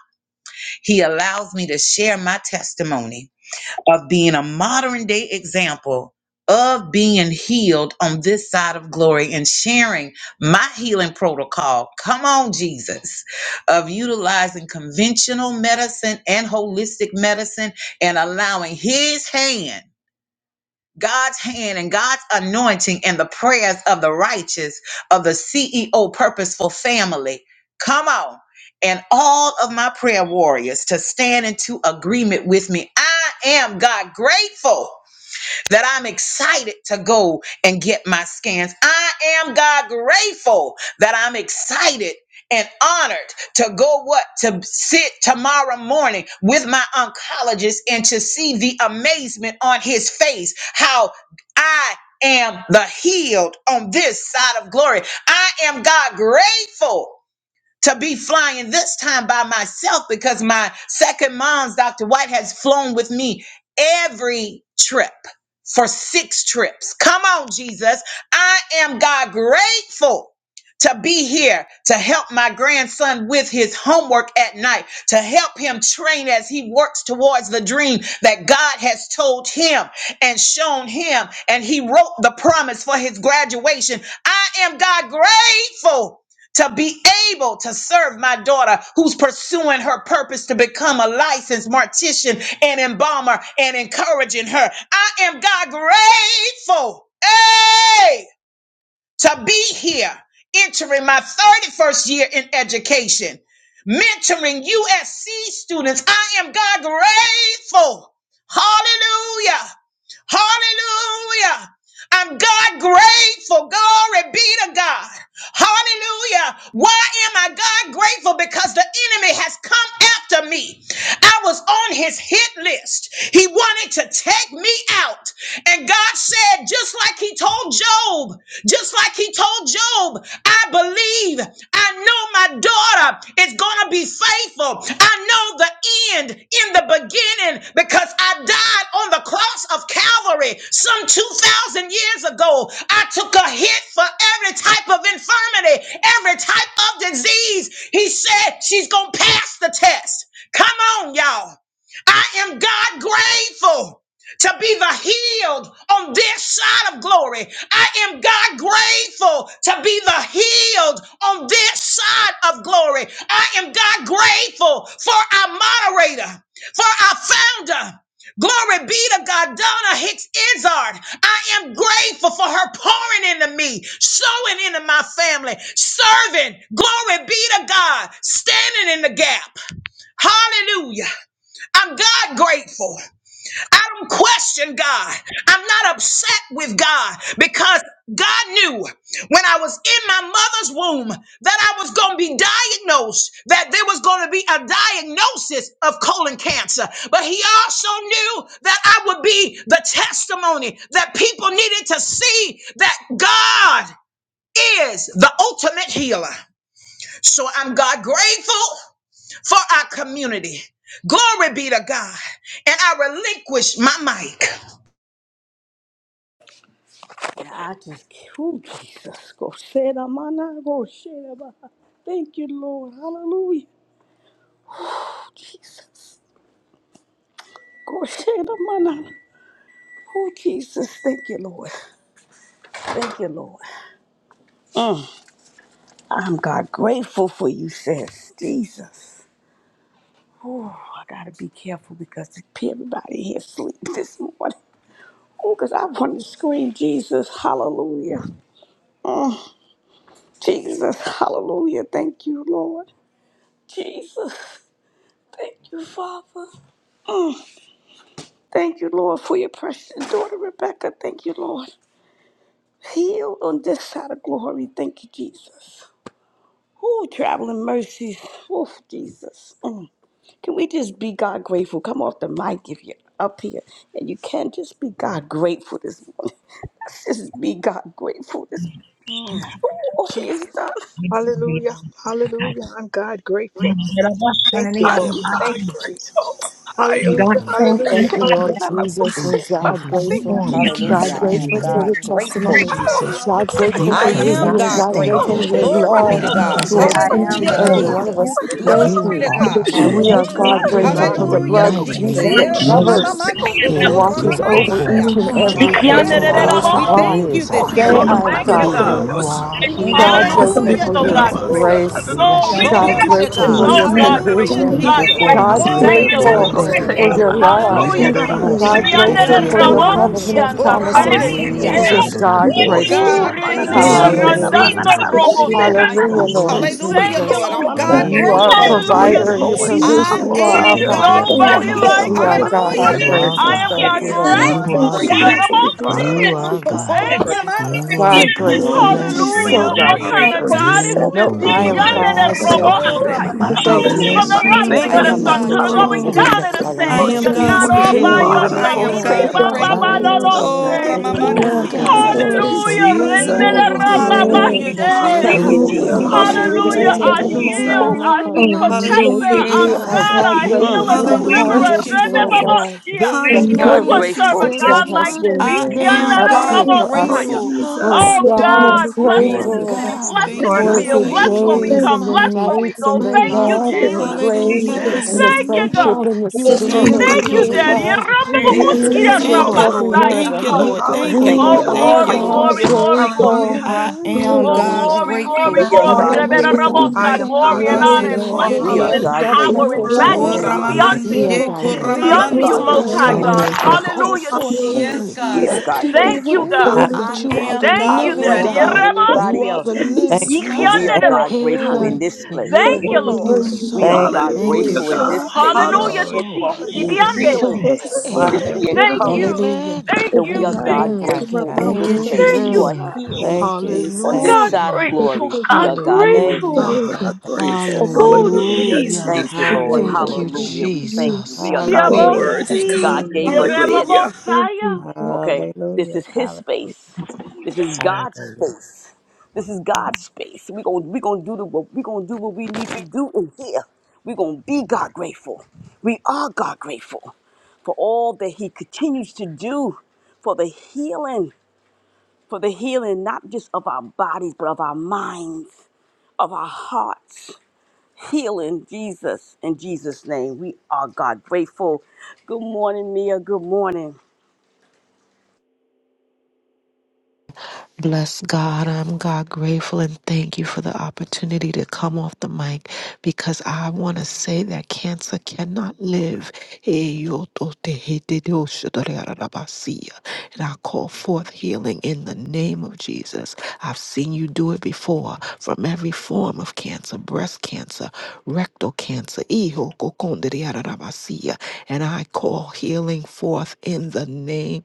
Speaker 7: He allows me to share my testimony of being a modern day example of being healed on this side of glory and sharing my healing protocol. Come on, Jesus, of utilizing conventional medicine and holistic medicine and allowing His hand. God's hand and God's anointing and the prayers of the righteous of the CEO Purposeful Family. Come on. And all of my prayer warriors to stand into agreement with me. I am God grateful that I'm excited to go and get my scans. I am God grateful that I'm excited and honored to go what to sit tomorrow morning with my oncologist and to see the amazement on his face how I am the healed on this side of glory. I am God grateful to be flying this time by myself because my second mom's Dr. White has flown with me every trip for six trips. Come on, Jesus. I am God grateful to be here to help my grandson with his homework at night, to help him train as he works towards the dream that God has told him and shown him. And he wrote the promise for his graduation. I am God grateful to be able to serve my daughter who's pursuing her purpose to become a licensed mortician and embalmer and encouraging her. I am God grateful. Hey, to be here entering my 31st year in education, mentoring USC students. I am God grateful. Hallelujah. Hallelujah. I'm God grateful. Glory be to God. Hallelujah. Why am I God grateful? Because the enemy has come after me. I was on his hit list. He wanted to take me out. And God said, just like he told Job, just like he told Job, I believe. I know my daughter is going to be faithful. I know the end in the beginning because I died on the cross of Calvary some 2,000 years ago. I took a hit for every type of infirmity, every type of disease. He said she's going to pass the test. Come on, y'all. I am God grateful to be the healed on this side of glory. I am God grateful to be the healed on this side of glory. I am God grateful for our moderator, for our founder. Glory be to God, Donna Hicks Izard. I am grateful for her pouring into me, sowing into my family, serving. Glory be to God, standing in the gap. Hallelujah. I'm God grateful. I don't question God. I'm not upset with God because God knew when I was in my mother's womb that I was going to be diagnosed, that there was going to be a diagnosis of colon cancer. But He also knew that I would be the testimony that people needed to see that God is the ultimate healer. So I'm God grateful for our community. Glory be to God. And I relinquish my mic.
Speaker 3: Yeah, I just, oh, Jesus. Go say it, i go not share it, but Thank you, Lord. Hallelujah. Oh, Jesus. Go share it, I'm Oh, Jesus. Thank you, Lord. Thank you, Lord. I'm God grateful for you, sis. Jesus. Oh, I gotta be careful because everybody here sleep this morning. Oh, because I want to scream, Jesus, hallelujah. Jesus, hallelujah. Thank you, Lord. Jesus, thank you, Father. Thank you, Lord, for your precious daughter, Rebecca. Thank you, Lord. Heal on this side of glory. Thank you, Jesus. Ooh, traveling mercies. Ooh, Jesus. Mm. Can we just be God grateful? Come off the mic if you're up here and you can. Just be God grateful this morning. Let's just be God grateful this
Speaker 8: Oh,
Speaker 3: morning. Oh, He
Speaker 8: Jesus.
Speaker 3: is done.
Speaker 8: Hallelujah. Hallelujah. I'm God grateful. Thank you,
Speaker 9: I
Speaker 8: Lord.
Speaker 9: am
Speaker 8: Thank
Speaker 9: God
Speaker 8: you, Jesus.
Speaker 9: grateful. I am
Speaker 10: You
Speaker 8: Hallelujah.
Speaker 10: will
Speaker 11: Thank you,
Speaker 8: Hallelujah.
Speaker 5: Thank you, Lord
Speaker 8: Hallelujah.
Speaker 3: Man, I will
Speaker 5: Jesus.
Speaker 3: say,
Speaker 5: We're
Speaker 10: against
Speaker 3: "Bah,
Speaker 5: God
Speaker 10: every
Speaker 3: Thank
Speaker 5: grateful.
Speaker 10: form
Speaker 3: you,
Speaker 10: of
Speaker 12: Hallelujah.
Speaker 3: Jesus.
Speaker 5: God
Speaker 10: cancer
Speaker 12: I
Speaker 10: in
Speaker 12: am
Speaker 5: grateful
Speaker 10: the
Speaker 5: for the
Speaker 12: God
Speaker 10: name of
Speaker 12: grateful.
Speaker 5: testimonies.
Speaker 9: I
Speaker 3: Oh,
Speaker 10: Jesus.
Speaker 5: God
Speaker 13: Thank
Speaker 9: am God
Speaker 8: Hallelujah.
Speaker 5: grateful
Speaker 10: You
Speaker 12: I
Speaker 5: for
Speaker 11: God.
Speaker 3: Jesus.
Speaker 9: grateful.
Speaker 8: Hallelujah.
Speaker 5: your
Speaker 12: am
Speaker 5: healing.
Speaker 10: cannot
Speaker 12: God
Speaker 5: God
Speaker 3: Go
Speaker 5: grateful
Speaker 10: stand
Speaker 12: grateful.
Speaker 5: for
Speaker 3: share
Speaker 5: your
Speaker 3: the
Speaker 12: Glory
Speaker 3: man
Speaker 12: be
Speaker 10: in
Speaker 3: and
Speaker 5: love
Speaker 12: to
Speaker 10: the
Speaker 3: I
Speaker 13: you,
Speaker 3: will
Speaker 12: God.
Speaker 3: say,
Speaker 13: thank
Speaker 10: presence
Speaker 5: towards
Speaker 10: of
Speaker 11: I
Speaker 3: "Bah,
Speaker 13: you,
Speaker 10: the
Speaker 13: thank
Speaker 5: each
Speaker 11: am
Speaker 5: and
Speaker 13: you.
Speaker 12: Hallelujah,
Speaker 11: God.
Speaker 10: mighty
Speaker 5: every
Speaker 3: Thank
Speaker 13: Lord,
Speaker 3: you,
Speaker 13: for
Speaker 10: God.
Speaker 5: one
Speaker 9: Hallelujah.
Speaker 8: Thank
Speaker 5: of
Speaker 13: the
Speaker 12: Jesus.
Speaker 8: you,
Speaker 5: us.
Speaker 3: Lord.
Speaker 5: Thank
Speaker 8: Jesus.
Speaker 10: You
Speaker 12: Glory to
Speaker 5: you.
Speaker 10: are
Speaker 12: God.
Speaker 5: Uh,
Speaker 13: person
Speaker 11: Glory
Speaker 3: Hallelujah.
Speaker 5: we
Speaker 13: that is
Speaker 5: are
Speaker 11: to
Speaker 10: healed.
Speaker 8: Thank
Speaker 13: like
Speaker 6: I
Speaker 8: you,
Speaker 5: God
Speaker 11: your
Speaker 13: you,
Speaker 6: am
Speaker 11: name.
Speaker 3: Jesus.
Speaker 10: In
Speaker 5: grateful
Speaker 6: God
Speaker 13: Lord.
Speaker 10: the
Speaker 5: for
Speaker 8: Jesus.
Speaker 5: the
Speaker 6: grateful.
Speaker 12: Hallelujah,
Speaker 5: blood
Speaker 11: Thank
Speaker 3: Go
Speaker 11: you,
Speaker 5: of
Speaker 10: mighty
Speaker 12: Jesus.
Speaker 3: share
Speaker 5: Jesus
Speaker 10: name
Speaker 8: Thank
Speaker 10: of
Speaker 12: Yeah,
Speaker 5: that
Speaker 8: you.
Speaker 13: No one
Speaker 3: the man.
Speaker 5: covers
Speaker 10: Jesus,
Speaker 13: but
Speaker 3: Go
Speaker 12: ramamamanso
Speaker 13: you.
Speaker 5: and
Speaker 14: We're
Speaker 3: share
Speaker 6: She's
Speaker 12: to
Speaker 10: hey,
Speaker 3: the
Speaker 5: watches
Speaker 3: man. Go
Speaker 9: I
Speaker 5: over
Speaker 9: am
Speaker 3: share the
Speaker 5: each
Speaker 10: Yokogun,
Speaker 12: ramamansia.
Speaker 13: You
Speaker 3: man.
Speaker 5: and
Speaker 13: know,
Speaker 9: God
Speaker 8: Thank
Speaker 15: Oh,
Speaker 6: God
Speaker 5: every
Speaker 8: you.
Speaker 6: grateful.
Speaker 5: person
Speaker 12: Yes,
Speaker 13: um,
Speaker 10: Jehovah
Speaker 9: grateful.
Speaker 5: on this
Speaker 12: God,
Speaker 11: thank
Speaker 12: we
Speaker 10: Rapha,
Speaker 11: you,
Speaker 9: Hallelujah.
Speaker 10: who
Speaker 12: thank
Speaker 5: line.
Speaker 12: you
Speaker 10: is
Speaker 3: Go
Speaker 12: this
Speaker 9: Thank you, Lord, Lord,
Speaker 10: our
Speaker 8: Thank
Speaker 9: Lord, Lord.
Speaker 3: share
Speaker 5: They
Speaker 8: you,
Speaker 13: you
Speaker 6: God.
Speaker 3: the
Speaker 12: morning.
Speaker 10: healer.
Speaker 13: know,
Speaker 5: are
Speaker 14: back
Speaker 15: thank
Speaker 9: Thank
Speaker 3: manana,
Speaker 13: thank
Speaker 10: Hey,
Speaker 15: you,
Speaker 14: on
Speaker 3: go
Speaker 9: you,
Speaker 5: God
Speaker 8: Jesus.
Speaker 9: Lord,
Speaker 15: God.
Speaker 3: share
Speaker 13: you.
Speaker 3: the
Speaker 10: you
Speaker 14: record.
Speaker 5: grateful.
Speaker 3: Baha,
Speaker 10: are our
Speaker 6: In the mighty
Speaker 8: Thank
Speaker 10: healing
Speaker 14: She's
Speaker 3: Jesus.
Speaker 8: you,
Speaker 6: name
Speaker 9: Lord, Lord,
Speaker 5: God,
Speaker 15: Hallelujah.
Speaker 10: and
Speaker 14: not
Speaker 6: of
Speaker 9: Lord.
Speaker 10: our
Speaker 8: Jesus.
Speaker 5: grateful
Speaker 15: We're
Speaker 13: Heavenly
Speaker 12: Hallelujah,
Speaker 5: for
Speaker 10: health,
Speaker 9: Thank
Speaker 14: alone.
Speaker 9: you,
Speaker 15: so
Speaker 9: Lord,
Speaker 10: oh
Speaker 6: God,
Speaker 5: your
Speaker 15: God
Speaker 13: Father,
Speaker 10: God.
Speaker 9: Lord,
Speaker 15: grateful.
Speaker 12: Jesus.
Speaker 14: You
Speaker 3: Woo.
Speaker 9: Lord,
Speaker 14: with
Speaker 10: I
Speaker 5: grace.
Speaker 14: her. You
Speaker 15: So
Speaker 6: in
Speaker 8: Thank
Speaker 10: bless
Speaker 9: Lord.
Speaker 10: you
Speaker 11: thank
Speaker 6: the
Speaker 11: you,
Speaker 14: already
Speaker 10: and
Speaker 8: you,
Speaker 10: I
Speaker 9: Thank
Speaker 5: God,
Speaker 6: mighty
Speaker 14: been
Speaker 12: Glory
Speaker 6: name
Speaker 14: with me
Speaker 12: to
Speaker 8: Jesus.
Speaker 5: grateful
Speaker 15: we're
Speaker 13: Lord
Speaker 12: God.
Speaker 5: for
Speaker 6: of
Speaker 10: praise
Speaker 5: your
Speaker 15: so
Speaker 10: you,
Speaker 14: before.
Speaker 13: Almighty,
Speaker 15: God
Speaker 10: Lord.
Speaker 9: you, Lord,
Speaker 12: Hallelujah,
Speaker 14: Just
Speaker 15: grateful.
Speaker 5: provision.
Speaker 13: Father,
Speaker 15: God
Speaker 8: Thank you,
Speaker 12: Jesus.
Speaker 10: Yikokun,
Speaker 5: God,
Speaker 15: grateful.
Speaker 13: the
Speaker 14: a little
Speaker 10: didier,
Speaker 8: Jesus.
Speaker 13: good
Speaker 12: Glory,
Speaker 15: Thank
Speaker 13: of
Speaker 15: you,
Speaker 14: shop.
Speaker 13: our
Speaker 9: Lord,
Speaker 12: glory,
Speaker 13: lives
Speaker 10: yodon,
Speaker 5: grateful
Speaker 9: Lord.
Speaker 15: Lord.
Speaker 3: Go
Speaker 6: Jesus,
Speaker 10: de,
Speaker 12: glory,
Speaker 13: today,
Speaker 3: share
Speaker 5: for
Speaker 6: I
Speaker 3: the
Speaker 8: Oh,
Speaker 6: am
Speaker 12: glory,
Speaker 13: Lord.
Speaker 5: your
Speaker 10: hipo,
Speaker 6: God
Speaker 3: manana,
Speaker 12: glory.
Speaker 3: go
Speaker 8: thank you,
Speaker 5: love.
Speaker 8: Lord.
Speaker 15: Hallelujah,
Speaker 3: share
Speaker 13: Thank
Speaker 3: the
Speaker 9: Ah,
Speaker 13: you,
Speaker 9: Thank
Speaker 3: Baha.
Speaker 15: Jesus.
Speaker 3: Thank
Speaker 10: yibodororose,
Speaker 5: God,
Speaker 13: Lord.
Speaker 11: God.
Speaker 3: you,
Speaker 6: grateful.
Speaker 10: didin,
Speaker 11: Great
Speaker 3: Lord.
Speaker 12: Yeah,
Speaker 5: grateful
Speaker 10: didier,
Speaker 8: Thank
Speaker 5: for
Speaker 8: you,
Speaker 13: Thank
Speaker 5: your
Speaker 8: Lord.
Speaker 13: you,
Speaker 12: ramamamanso
Speaker 13: Lord.
Speaker 5: covenant
Speaker 12: to
Speaker 10: nananamasi.
Speaker 15: Ikriandereraboskianda
Speaker 6: In the name of
Speaker 13: Thank
Speaker 5: promises.
Speaker 3: Hallelujah,
Speaker 13: you,
Speaker 8: Thank you,
Speaker 12: ramamansia.
Speaker 13: Lord.
Speaker 5: And
Speaker 8: Lord.
Speaker 15: rebeske,
Speaker 10: Yeyokun,
Speaker 5: just
Speaker 3: Jesus.
Speaker 13: Thank
Speaker 10: dodier,
Speaker 13: you,
Speaker 5: God,
Speaker 13: Lord.
Speaker 3: Go
Speaker 12: Oh,
Speaker 5: grateful.
Speaker 3: share
Speaker 12: God, I
Speaker 3: the
Speaker 10: dadadabasa,
Speaker 9: you,
Speaker 12: thank
Speaker 8: Thank
Speaker 3: manana,
Speaker 8: you,
Speaker 12: you,
Speaker 13: Thank
Speaker 6: Jesus,
Speaker 3: go
Speaker 8: Lord.
Speaker 13: you,
Speaker 3: share
Speaker 6: but
Speaker 10: yeyon,
Speaker 3: the
Speaker 9: Jesus.
Speaker 12: Jesus.
Speaker 13: Lord,
Speaker 5: Hallelujah.
Speaker 3: manana,
Speaker 13: for
Speaker 6: in
Speaker 3: go share
Speaker 10: gondorororosi.
Speaker 3: the
Speaker 13: deliverance
Speaker 3: manana.
Speaker 15: urinirirandandoraboskaya.
Speaker 5: Hallelujah,
Speaker 10: I
Speaker 13: in
Speaker 9: Thank
Speaker 13: this
Speaker 9: you,
Speaker 5: Lord
Speaker 10: bless
Speaker 9: Jesus.
Speaker 13: place.
Speaker 10: you,
Speaker 3: Go
Speaker 12: Hallelujah,
Speaker 15: Thank
Speaker 10: Lord.
Speaker 15: you,
Speaker 3: share
Speaker 5: Jesus.
Speaker 12: Lord.
Speaker 3: the
Speaker 11: praise,
Speaker 12: I'm
Speaker 15: Lord.
Speaker 3: manana,
Speaker 13: Thank
Speaker 11: God.
Speaker 12: God
Speaker 3: go
Speaker 13: you,
Speaker 5: You are
Speaker 13: Lord,
Speaker 5: a
Speaker 10: Eyoko
Speaker 13: for
Speaker 3: Jesus.
Speaker 12: grateful.
Speaker 3: Thank
Speaker 15: Hallelujah,
Speaker 9: Thank
Speaker 3: you,
Speaker 13: healing
Speaker 5: provider,
Speaker 9: you,
Speaker 5: your
Speaker 13: in
Speaker 3: Lord.
Speaker 13: this
Speaker 10: hondororobosa,
Speaker 15: Jesus.
Speaker 12: I
Speaker 5: provision,
Speaker 9: Jesus.
Speaker 5: you
Speaker 13: place.
Speaker 5: are our
Speaker 12: am
Speaker 3: Hallelujah.
Speaker 5: Father.
Speaker 12: God
Speaker 13: Thank
Speaker 3: Go
Speaker 13: you,
Speaker 15: Nobody
Speaker 3: share the
Speaker 13: God,
Speaker 12: grateful.
Speaker 15: like
Speaker 5: We
Speaker 13: for
Speaker 5: are
Speaker 10: zetenderiyodonomasiya.
Speaker 15: you.
Speaker 3: manana, go
Speaker 5: God
Speaker 3: share
Speaker 12: Hallelujah,
Speaker 3: the
Speaker 10: You
Speaker 13: restoration
Speaker 3: manana.
Speaker 10: are
Speaker 13: in
Speaker 5: grateful.
Speaker 13: this
Speaker 15: I am
Speaker 12: Jesus.
Speaker 10: God.
Speaker 5: Thank
Speaker 15: God
Speaker 5: you,
Speaker 13: place.
Speaker 3: Jesus,
Speaker 5: Lord
Speaker 9: Thank
Speaker 6: God
Speaker 10: You
Speaker 9: you,
Speaker 13: Thank
Speaker 5: Jesus.
Speaker 10: are
Speaker 15: grateful.
Speaker 3: we
Speaker 13: you,
Speaker 15: You know
Speaker 6: grateful.
Speaker 13: God,
Speaker 15: what
Speaker 3: thank
Speaker 10: God.
Speaker 9: Jesus.
Speaker 15: I'm
Speaker 13: for the
Speaker 3: you,
Speaker 15: all
Speaker 3: Father.
Speaker 10: You
Speaker 13: generation
Speaker 12: Raman
Speaker 15: see.
Speaker 6: God
Speaker 13: of
Speaker 10: are
Speaker 13: these
Speaker 6: grateful.
Speaker 4: mic.
Speaker 10: God.
Speaker 15: Thank
Speaker 13: lives.
Speaker 15: you, God.
Speaker 10: You
Speaker 12: shokoramamancia.
Speaker 10: are
Speaker 5: God
Speaker 9: Thank
Speaker 13: Thank you,
Speaker 9: you,
Speaker 10: God.
Speaker 13: Lord,
Speaker 9: Lord
Speaker 13: for
Speaker 5: grateful.
Speaker 13: your
Speaker 10: Bless
Speaker 13: mighty
Speaker 10: you,
Speaker 5: Just
Speaker 10: O
Speaker 5: so
Speaker 9: Jesus.
Speaker 6: God
Speaker 15: Hallelujah.
Speaker 13: healing
Speaker 15: What
Speaker 5: God
Speaker 6: grateful.
Speaker 10: Lord.
Speaker 15: kind
Speaker 5: grateful.
Speaker 13: power
Speaker 15: of
Speaker 3: Jesus.
Speaker 13: and
Speaker 15: God
Speaker 9: Hallelujah.
Speaker 15: is
Speaker 12: Ooh,
Speaker 15: this?
Speaker 5: No,
Speaker 15: He
Speaker 13: saturating
Speaker 5: I am
Speaker 13: the
Speaker 15: yonder the
Speaker 5: God
Speaker 13: blood
Speaker 12: ramamamanse.
Speaker 3: Go
Speaker 12: Oh,
Speaker 5: grateful.
Speaker 10: Eyokondoriyodonomasiya.
Speaker 3: share the
Speaker 15: robosaya.
Speaker 13: that
Speaker 10: I
Speaker 13: is
Speaker 3: manana,
Speaker 10: do
Speaker 5: Thank
Speaker 3: go
Speaker 5: you,
Speaker 12: ramamamansia.
Speaker 15: From
Speaker 3: share the
Speaker 5: Lord
Speaker 9: Hallelujah.
Speaker 13: listening.
Speaker 15: the
Speaker 10: bless
Speaker 3: Baha.
Speaker 10: you and
Speaker 5: Jesus.
Speaker 15: rising
Speaker 3: Thank
Speaker 12: I
Speaker 5: I
Speaker 15: of
Speaker 3: you,
Speaker 15: the
Speaker 13: Everyone
Speaker 5: love
Speaker 12: am
Speaker 13: that
Speaker 5: my
Speaker 3: Lord.
Speaker 10: praise
Speaker 15: sun
Speaker 10: you,
Speaker 15: to
Speaker 12: God
Speaker 13: is
Speaker 10: O
Speaker 15: the
Speaker 5: first year. They
Speaker 15: going
Speaker 3: Hallelujah,
Speaker 13: present.
Speaker 5: were
Speaker 12: grateful.
Speaker 15: down
Speaker 9: us.
Speaker 10: Lord.
Speaker 15: of
Speaker 5: just
Speaker 15: the
Speaker 5: all
Speaker 3: Jesus.
Speaker 9: The
Speaker 5: on the
Speaker 12: I
Speaker 9: Lord
Speaker 13: To
Speaker 10: You
Speaker 15: same.
Speaker 5: fish.
Speaker 12: am
Speaker 15: You're
Speaker 13: God
Speaker 10: alone
Speaker 12: God
Speaker 3: Oh,
Speaker 10: are
Speaker 13: be
Speaker 15: God
Speaker 9: Jesus,
Speaker 13: the
Speaker 15: all
Speaker 3: shit,
Speaker 9: you
Speaker 15: by
Speaker 3: I'm
Speaker 10: worthy,
Speaker 13: glory.
Speaker 3: not
Speaker 5: Here
Speaker 9: are
Speaker 5: to
Speaker 12: grateful.
Speaker 10: O
Speaker 5: make
Speaker 3: gonna
Speaker 12: I
Speaker 15: yourself.
Speaker 3: go
Speaker 15: He
Speaker 12: am
Speaker 5: sure I
Speaker 3: shit
Speaker 10: God.
Speaker 15: be
Speaker 13: To
Speaker 5: love
Speaker 9: worthy,
Speaker 12: God
Speaker 5: us.
Speaker 3: about.
Speaker 13: God
Speaker 9: Lord.
Speaker 5: I
Speaker 15: bamba
Speaker 13: be
Speaker 5: don't
Speaker 13: the
Speaker 15: ba
Speaker 10: By
Speaker 5: know
Speaker 12: grateful.
Speaker 5: what to
Speaker 13: glory.
Speaker 5: tell you.
Speaker 12: Oh,
Speaker 5: I'm
Speaker 9: We
Speaker 5: sure
Speaker 10: yourself,
Speaker 5: they
Speaker 13: To
Speaker 5: will
Speaker 10: you
Speaker 3: Ooh,
Speaker 6: I
Speaker 10: are
Speaker 5: make me
Speaker 13: God
Speaker 6: am
Speaker 9: give
Speaker 13: be
Speaker 9: you
Speaker 5: proud
Speaker 13: the
Speaker 12: Ramamansia.
Speaker 10: God
Speaker 5: of
Speaker 9: thank
Speaker 5: us.
Speaker 3: Jesus.
Speaker 9: you,
Speaker 13: glory.
Speaker 10: and
Speaker 15: Hallelujah.
Speaker 5: Yeah, I
Speaker 9: Jesus.
Speaker 10: worthy of
Speaker 13: Yes,
Speaker 5: was
Speaker 12: Mm,
Speaker 10: all
Speaker 5: here. I
Speaker 10: the
Speaker 13: Lord.
Speaker 12: hallelujah,
Speaker 5: was
Speaker 15: Remedarababashe.
Speaker 5: up
Speaker 10: praise
Speaker 5: there. I was
Speaker 3: Thank
Speaker 10: and
Speaker 3: you,
Speaker 12: Jesus.
Speaker 13: You
Speaker 10: all
Speaker 5: up
Speaker 10: the
Speaker 5: there.
Speaker 9: Hallelujah,
Speaker 3: Jesus.
Speaker 13: are
Speaker 5: They were sure they
Speaker 10: glory.
Speaker 9: hallelujah,
Speaker 15: Hallelujah.
Speaker 5: did say
Speaker 13: mighty.
Speaker 5: they
Speaker 15: Our
Speaker 10: And
Speaker 5: were
Speaker 10: all
Speaker 5: not
Speaker 9: Jesus.
Speaker 10: the
Speaker 15: shield,
Speaker 5: gonna
Speaker 3: Ooh,
Speaker 5: make it. is. It's all over my God, my
Speaker 15: our
Speaker 10: honor
Speaker 5: Father.
Speaker 13: Oh, my
Speaker 10: belongs to
Speaker 13: Lord,
Speaker 15: protector,
Speaker 12: Hallelujah,
Speaker 13: there's
Speaker 10: you,
Speaker 15: our
Speaker 5: We
Speaker 13: nobody
Speaker 5: are
Speaker 10: God.
Speaker 3: Jesus.
Speaker 12: Jesus.
Speaker 15: God,
Speaker 13: like
Speaker 5: God
Speaker 15: our
Speaker 13: you.
Speaker 3: Mm,
Speaker 5: grateful
Speaker 10: Yea,
Speaker 15: healer,
Speaker 5: for the
Speaker 10: who is
Speaker 13: Thank
Speaker 12: Hallelujah,
Speaker 15: deliverer.
Speaker 10: like
Speaker 13: you,
Speaker 10: you,
Speaker 5: harvest, Lord
Speaker 12: Jesus.
Speaker 10: Lord?
Speaker 13: Jesus.
Speaker 5: God.
Speaker 15: Remebabashia.
Speaker 10: There
Speaker 13: For
Speaker 5: The
Speaker 10: is
Speaker 15: Who
Speaker 13: your
Speaker 3: God,
Speaker 12: Hallelujah,
Speaker 10: none,
Speaker 15: would not
Speaker 5: harvest
Speaker 13: promises
Speaker 15: serve
Speaker 13: and
Speaker 15: a
Speaker 3: grateful.
Speaker 10: there
Speaker 12: Jesus.
Speaker 10: is
Speaker 13: yes,
Speaker 15: God
Speaker 5: that has
Speaker 15: like
Speaker 10: none,
Speaker 13: and
Speaker 15: this?
Speaker 5: been
Speaker 12: I
Speaker 13: amen.
Speaker 10: there is
Speaker 9: Mm.
Speaker 12: am
Speaker 5: up here
Speaker 12: God
Speaker 10: none,
Speaker 13: Thank
Speaker 3: Hallelujah.
Speaker 9: Thank
Speaker 5: for
Speaker 9: you, Lord
Speaker 10: there
Speaker 5: us.
Speaker 15: Ikianadarabosaya.
Speaker 13: you,
Speaker 10: is
Speaker 12: grateful.
Speaker 13: Jesus.
Speaker 10: none
Speaker 5: We're
Speaker 9: Jesus.
Speaker 15: Oh
Speaker 10: like
Speaker 13: If you
Speaker 10: you.
Speaker 5: God
Speaker 3: Ooh,
Speaker 15: God,
Speaker 13: only
Speaker 10: You
Speaker 15: blessed in
Speaker 10: are
Speaker 13: desire
Speaker 15: the
Speaker 13: the
Speaker 5: grateful
Speaker 15: city,
Speaker 12: God,
Speaker 3: Jesus.
Speaker 12: we
Speaker 13: best
Speaker 10: God,
Speaker 15: blessed
Speaker 13: for
Speaker 15: in
Speaker 12: thank
Speaker 9: Lord,
Speaker 15: the
Speaker 12: you.
Speaker 9: I
Speaker 5: for the
Speaker 15: field,
Speaker 10: yea,
Speaker 9: thank
Speaker 15: blessed when
Speaker 12: Hallelujah,
Speaker 10: strong
Speaker 15: we
Speaker 9: you.
Speaker 5: days
Speaker 13: thank
Speaker 10: and
Speaker 15: come,
Speaker 5: and the
Speaker 12: Jesus.
Speaker 13: you,
Speaker 15: blessed
Speaker 10: mighty,
Speaker 15: when we
Speaker 5: nights and
Speaker 15: go.
Speaker 5: the
Speaker 13: Jesus.
Speaker 15: Thank
Speaker 10: mighty
Speaker 6: God
Speaker 9: Thank
Speaker 15: you,
Speaker 10: in
Speaker 6: like
Speaker 5: love
Speaker 9: you,
Speaker 13: If
Speaker 5: and the
Speaker 13: you
Speaker 9: Lord
Speaker 15: Jesus.
Speaker 3: Jesus.
Speaker 10: battle,
Speaker 13: desire
Speaker 12: Hallelujah,
Speaker 5: grace
Speaker 10: mighty
Speaker 13: that
Speaker 10: to
Speaker 5: and the
Speaker 9: Jesus.
Speaker 15: Thank
Speaker 13: we
Speaker 12: Jesus.
Speaker 15: you, God.
Speaker 10: deliver.
Speaker 5: friendship
Speaker 13: walk
Speaker 5: and the
Speaker 10: You
Speaker 9: Thank
Speaker 3: Mm,
Speaker 9: you,
Speaker 13: in
Speaker 12: Thank
Speaker 5: sisterhood
Speaker 10: deliver
Speaker 13: your
Speaker 12: you,
Speaker 9: Lord
Speaker 5: that
Speaker 15: Thank
Speaker 5: you
Speaker 15: you,
Speaker 10: your
Speaker 13: glory,
Speaker 15: Daddy.
Speaker 9: Jesus.
Speaker 5: provide
Speaker 12: Jesus.
Speaker 10: people.
Speaker 15: Ramba
Speaker 13: we are
Speaker 5: for
Speaker 10: You are
Speaker 3: Jesus.
Speaker 13: delivered
Speaker 9: Jesus,
Speaker 13: and
Speaker 5: each
Speaker 9: you
Speaker 13: set
Speaker 5: and
Speaker 9: are
Speaker 12: Thank you,
Speaker 10: faithful.
Speaker 9: worthy.
Speaker 5: every
Speaker 13: free.
Speaker 10: Hey,
Speaker 12: Lord.
Speaker 5: one of
Speaker 12: Thank
Speaker 5: us.
Speaker 12: you,
Speaker 9: God.
Speaker 15: Rambasaya.
Speaker 13: Thank
Speaker 12: Lord.
Speaker 10: yeko
Speaker 12: Thank
Speaker 13: you,
Speaker 12: you,
Speaker 3: Thank
Speaker 10: kondo
Speaker 3: you,
Speaker 13: Jesus,
Speaker 15: Oh,
Speaker 5: We
Speaker 12: Lord.
Speaker 9: Hallelujah.
Speaker 3: Lord.
Speaker 5: are
Speaker 12: Thank you,
Speaker 15: glory,
Speaker 12: Lord.
Speaker 5: God
Speaker 15: glory,
Speaker 3: Hallelujah.
Speaker 10: hedanayandose.
Speaker 15: glory,
Speaker 13: that
Speaker 10: And
Speaker 15: glory.
Speaker 13: you
Speaker 5: grateful.
Speaker 10: even
Speaker 12: I
Speaker 9: Hallelujah.
Speaker 10: married to the
Speaker 12: am
Speaker 15: Oh,
Speaker 13: created us
Speaker 12: God
Speaker 5: Hallelujah.
Speaker 15: glory,
Speaker 10: backslider.
Speaker 15: glory,
Speaker 3: We
Speaker 12: grateful.
Speaker 9: Thank
Speaker 3: are
Speaker 10: You
Speaker 9: you,
Speaker 15: glory.
Speaker 9: Lord.
Speaker 3: God
Speaker 10: love us
Speaker 13: to
Speaker 10: with an
Speaker 13: be
Speaker 5: Hallelujah.
Speaker 3: grateful.
Speaker 9: I
Speaker 13: you,
Speaker 9: am God
Speaker 10: unfailing
Speaker 15: Glory and
Speaker 5: Yes,
Speaker 15: honor
Speaker 10: love.
Speaker 13: created
Speaker 15: and
Speaker 8: Thank you,
Speaker 9: grateful.
Speaker 12: Hallelujah,
Speaker 5: Lord.
Speaker 8: Jesus.
Speaker 3: We
Speaker 5: We
Speaker 15: blessings
Speaker 3: are
Speaker 5: are
Speaker 15: and
Speaker 13: in
Speaker 10: Hey,
Speaker 3: God
Speaker 13: our
Speaker 9: Hallelujah.
Speaker 12: Jesus.
Speaker 5: God.
Speaker 9: You
Speaker 5: I'm
Speaker 10: for
Speaker 15: power
Speaker 13: weak
Speaker 5: not
Speaker 9: are
Speaker 10: your
Speaker 5: so
Speaker 3: grateful.
Speaker 15: and
Speaker 8: God,
Speaker 5: sure
Speaker 13: walk
Speaker 9: worthy,
Speaker 8: thank
Speaker 13: of
Speaker 8: you
Speaker 10: glory.
Speaker 15: majesty
Speaker 8: for
Speaker 9: God.
Speaker 15: be
Speaker 8: your
Speaker 2: Thank you.
Speaker 3: Jesus.
Speaker 15: unto
Speaker 8: healing.
Speaker 5: We
Speaker 13: you.
Speaker 5: are
Speaker 15: you.
Speaker 12: Oramamanshe,
Speaker 5: God grateful.
Speaker 15: Be
Speaker 9: Lord,
Speaker 3: We are
Speaker 8: Thank
Speaker 15: unto
Speaker 8: you
Speaker 13: Oh
Speaker 15: you,
Speaker 8: for
Speaker 3: God
Speaker 12: koramamanso,
Speaker 8: your
Speaker 15: Most
Speaker 13: God,
Speaker 2: Thank
Speaker 15: High
Speaker 8: healing.
Speaker 3: grateful.
Speaker 13: that
Speaker 10: Yebohondeyononomasi.
Speaker 8: Father.
Speaker 15: God.
Speaker 2: you. Thank
Speaker 13: you
Speaker 10: We
Speaker 2: you.
Speaker 12: toramansia.
Speaker 10: call
Speaker 15: Hallelujah,
Speaker 10: forth
Speaker 3: Jesus.
Speaker 13: heal us,
Speaker 15: Jesus.
Speaker 9: Hallelujah,
Speaker 12: Yes,
Speaker 10: healing
Speaker 3: We
Speaker 12: God,
Speaker 13: set
Speaker 3: are
Speaker 12: I
Speaker 10: that
Speaker 13: us
Speaker 9: Jesus.
Speaker 3: God
Speaker 12: thank
Speaker 10: people
Speaker 12: you,
Speaker 13: free
Speaker 15: Thank
Speaker 10: would
Speaker 15: you,
Speaker 3: grateful.
Speaker 13: from
Speaker 12: Jesus.
Speaker 9: God.
Speaker 10: know
Speaker 15: God.
Speaker 12: I
Speaker 10: that
Speaker 13: anything
Speaker 10: you
Speaker 13: that
Speaker 10: are
Speaker 13: would
Speaker 10: the
Speaker 12: am
Speaker 15: Thank
Speaker 3: I
Speaker 12: God
Speaker 15: you,
Speaker 13: cause
Speaker 3: don't
Speaker 13: us
Speaker 10: living
Speaker 3: know
Speaker 13: to
Speaker 15: Daddy.
Speaker 3: about
Speaker 13: not
Speaker 9: Mm.
Speaker 10: God.
Speaker 12: grateful.
Speaker 13: be
Speaker 10: You
Speaker 3: anybody
Speaker 15: Rebosi.
Speaker 10: are the
Speaker 3: else.
Speaker 13: purpose.
Speaker 2: Thank,
Speaker 9: Jesus,
Speaker 10: living
Speaker 3: But we
Speaker 9: Jesus.
Speaker 15: Ikiande
Speaker 10: God.
Speaker 3: are
Speaker 2: thank,
Speaker 15: de
Speaker 13: Oh
Speaker 3: God grateful
Speaker 13: God.
Speaker 3: in
Speaker 10: Hey,
Speaker 3: this
Speaker 10: and
Speaker 13: Let
Speaker 10: your
Speaker 3: place.
Speaker 15: Thank you,
Speaker 13: every
Speaker 10: word
Speaker 13: word
Speaker 10: is
Speaker 15: Lord.
Speaker 13: that is
Speaker 9: Mm.
Speaker 3: We are
Speaker 10: so.
Speaker 2: thank
Speaker 6: you.
Speaker 13: written
Speaker 2: you.
Speaker 3: God
Speaker 13: in
Speaker 10: It
Speaker 12: Thank
Speaker 10: is
Speaker 12: you,
Speaker 9: Hallelujah,
Speaker 3: grateful in
Speaker 13: Thank
Speaker 9: God.
Speaker 3: this
Speaker 10: so.
Speaker 13: you,
Speaker 12: Jesus.
Speaker 10: It
Speaker 3: space.
Speaker 9: Hallelujah.
Speaker 10: is
Speaker 3: For
Speaker 15: Hallelujah,
Speaker 13: Jesus.
Speaker 2: Glory,
Speaker 10: so.
Speaker 3: anyone
Speaker 2: glory.
Speaker 15: Jesus.
Speaker 3: who
Speaker 10: It
Speaker 3: needs
Speaker 10: is
Speaker 15: Ibiande.
Speaker 13: Help
Speaker 3: healing,
Speaker 10: so.
Speaker 13: us to block
Speaker 3: just
Speaker 10: Amen
Speaker 3: be
Speaker 2: Wonderful.
Speaker 13: the
Speaker 10: and
Speaker 15: Thank
Speaker 13: enemy
Speaker 15: you.
Speaker 3: encouraged
Speaker 12: Hallelujah.
Speaker 10: amen.
Speaker 15: Thank
Speaker 3: that
Speaker 13: in
Speaker 3: we
Speaker 13: from
Speaker 3: are
Speaker 15: you.
Speaker 13: our
Speaker 15: Thank
Speaker 3: God
Speaker 13: eyes,
Speaker 15: you.
Speaker 10: Amen
Speaker 2: God,
Speaker 13: from our
Speaker 10: and
Speaker 3: grateful in
Speaker 2: God.
Speaker 13: mouth,
Speaker 12: Thank
Speaker 3: this
Speaker 12: you,
Speaker 13: from our
Speaker 3: space.
Speaker 15: Thank
Speaker 3: You
Speaker 15: you,
Speaker 12: Jesus.
Speaker 13: ears,
Speaker 3: are
Speaker 10: amen.
Speaker 15: God.
Speaker 9: Thank
Speaker 3: healed
Speaker 9: you,
Speaker 2: Thank you.
Speaker 3: on
Speaker 9: Jesus.
Speaker 3: this
Speaker 2: Thank
Speaker 15: God
Speaker 2: you.
Speaker 3: side of
Speaker 10: Hallelujah.
Speaker 13: every
Speaker 3: glory.
Speaker 15: grateful.
Speaker 3: We
Speaker 13: gates
Speaker 15: God
Speaker 3: are God
Speaker 2: Thank
Speaker 15: grateful.
Speaker 13: that are
Speaker 9: I'm
Speaker 3: grateful,
Speaker 2: you,
Speaker 10: Hallelujah.
Speaker 9: God
Speaker 2: Lord.
Speaker 13: open.
Speaker 9: grateful.
Speaker 13: Oh God,
Speaker 3: Jesus.
Speaker 15: Oh,
Speaker 13: let it only
Speaker 9: Hallelujah,
Speaker 13: be
Speaker 3: Thank
Speaker 10: Hallelujah.
Speaker 15: Jesus.
Speaker 9: Jesus.
Speaker 3: you,
Speaker 13: and
Speaker 3: Lord.
Speaker 13: bring
Speaker 10: Thank you,
Speaker 13: edification
Speaker 2: Hallelujah.
Speaker 3: Hallelujah.
Speaker 13: to
Speaker 3: We thank
Speaker 13: you.
Speaker 3: you.
Speaker 10: Jesus.
Speaker 3: We are
Speaker 9: You
Speaker 3: God
Speaker 9: are
Speaker 10: We
Speaker 13: Glory
Speaker 2: Hallelujah.
Speaker 3: grateful.
Speaker 13: to
Speaker 9: worthy,
Speaker 2: Thank
Speaker 13: your
Speaker 2: you.
Speaker 15: Yabosi,
Speaker 9: God.
Speaker 3: God
Speaker 13: name,
Speaker 3: gave
Speaker 13: Lord.
Speaker 3: us
Speaker 9: Hallelujah.
Speaker 3: this.
Speaker 13: Thank
Speaker 15: Yeremobosaya.
Speaker 13: you.
Speaker 3: Okay, this
Speaker 2: Hallelujah.
Speaker 3: is his
Speaker 2: Hallelujah.
Speaker 3: space. This is God's
Speaker 2: Hallelujah.
Speaker 3: space. This is God's space. We're gonna we gonna do the what we're gonna do what we need to do in here. We're gonna be God grateful. We are God grateful for all that He continues to do for the healing, for the healing not just of our bodies, but of our minds, of our hearts. Healing Jesus in Jesus' name. We are God grateful. Good morning, Mia. Good morning.
Speaker 10: Bless God. I'm God grateful and thank you for the opportunity to come off the mic because I want to say that cancer cannot live. And I call forth healing in the name of Jesus. I've seen you do it before from every form of cancer breast cancer, rectal cancer. And I call healing forth in the name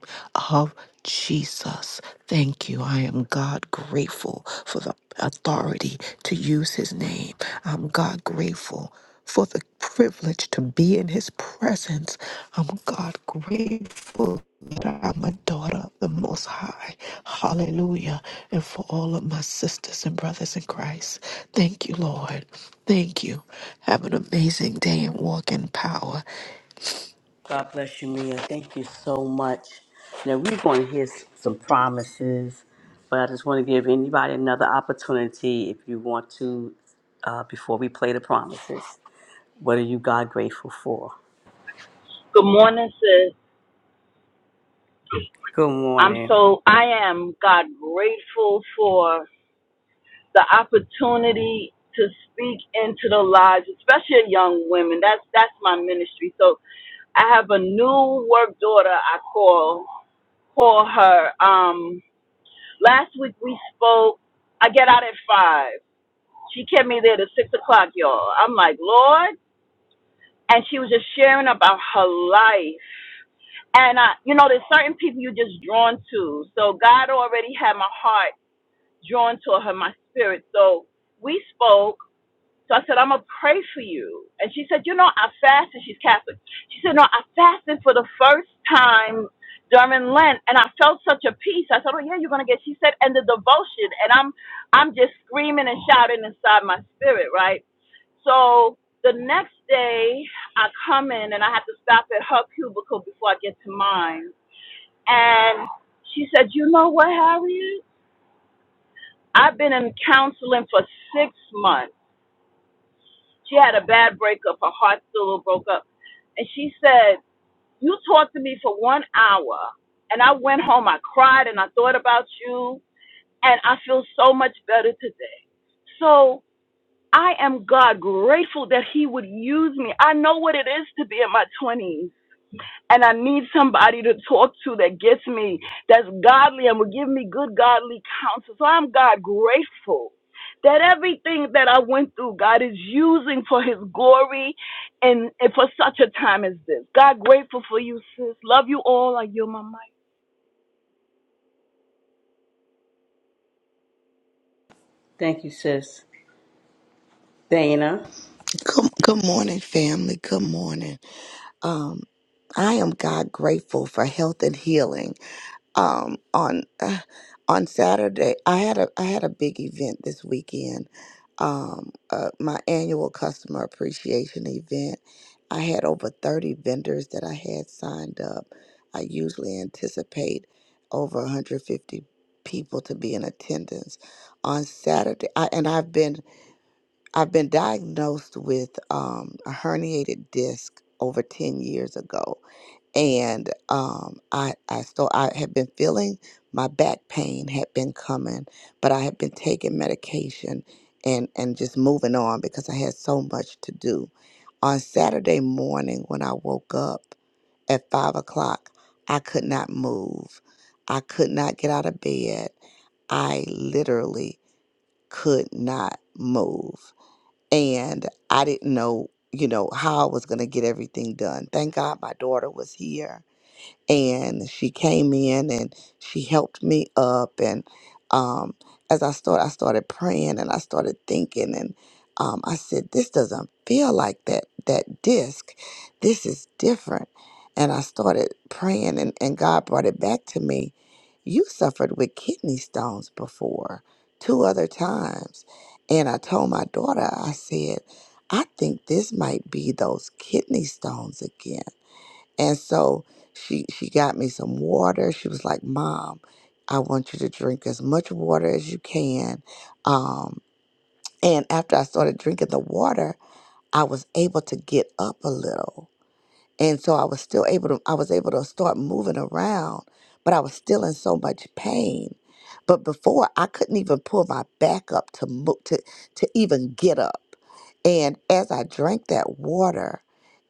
Speaker 10: of Jesus, thank you. I am God grateful for the authority to use his name. I'm God grateful for the privilege to be in his presence. I'm God grateful that I'm a daughter of the Most High. Hallelujah. And for all of my sisters and brothers in Christ. Thank you, Lord. Thank you. Have an amazing day and walk in power.
Speaker 3: God bless you, Mia. Thank you so much. Now we're going to hear s- some promises, but I just want to give anybody another opportunity if you want to, uh, before we play the promises. What are you God grateful for?
Speaker 15: Good morning, sis.
Speaker 3: Good
Speaker 15: I'm
Speaker 3: morning.
Speaker 15: so, I am God grateful for the opportunity to speak into the lives, especially of young women. That's, that's my ministry. So I have a new work daughter I call, call her. Um, last week we spoke, I get out at five. She kept me there to six o'clock, y'all. I'm like, Lord. And she was just sharing about her life. And I, you know, there's certain people you're just drawn to. So God already had my heart drawn to her, my spirit. So we spoke. So I said, I'm gonna pray for you. And she said, you know, I fasted. She's Catholic. She said, no, I fasted for the first time during Lent, and I felt such a peace. I said, oh yeah, you're gonna get. She said, and the devotion, and I'm, I'm just screaming and shouting inside my spirit, right? So the next day, I come in and I have to stop at her cubicle before I get to mine. And she said, you know what, Harriet? I've been in counseling for six months She had a bad breakup. Her heart still broke up. And she said, You talked to me for one hour. And I went home. I cried and I thought about you. And I feel so much better today. So I am God grateful that He would use me. I know what it is to be in my 20s and I need somebody to talk to that gets me, that's godly and will give me good godly counsel. So I'm God grateful that everything that I went through, God is using for His glory and, and for such a time as this. God grateful for you, sis. Love you all. I yield my mic.
Speaker 3: Thank you, sis. Dana.
Speaker 16: Good, good morning, family. Good morning. Um, I am God grateful for health and healing. Um, on uh, on Saturday, I had a I had a big event this weekend. Um, uh, my annual customer appreciation event. I had over thirty vendors that I had signed up. I usually anticipate over one hundred fifty people to be in attendance on Saturday. I, and I've been I've been diagnosed with um, a herniated disc over 10 years ago. And um, I, I still, I had been feeling my back pain had been coming, but I had been taking medication and, and just moving on because I had so much to do. On Saturday morning, when I woke up at five o'clock, I could not move. I could not get out of bed. I literally could not move and I didn't know, you know, how I was going to get everything done. Thank God my daughter was here and she came in and she helped me up and um, as i started i started praying and i started thinking and um, i said this doesn't feel like that that disc this is different and i started praying and, and god brought it back to me you suffered with kidney stones before two other times and i told my daughter i said i think this might be those kidney stones again and so she she got me some water. She was like, "Mom, I want you to drink as much water as you can." Um, and after I started drinking the water, I was able to get up a little and so I was still able to I was able to start moving around, but I was still in so much pain. But before I couldn't even pull my back up to mo- to to even get up. And as I drank that water,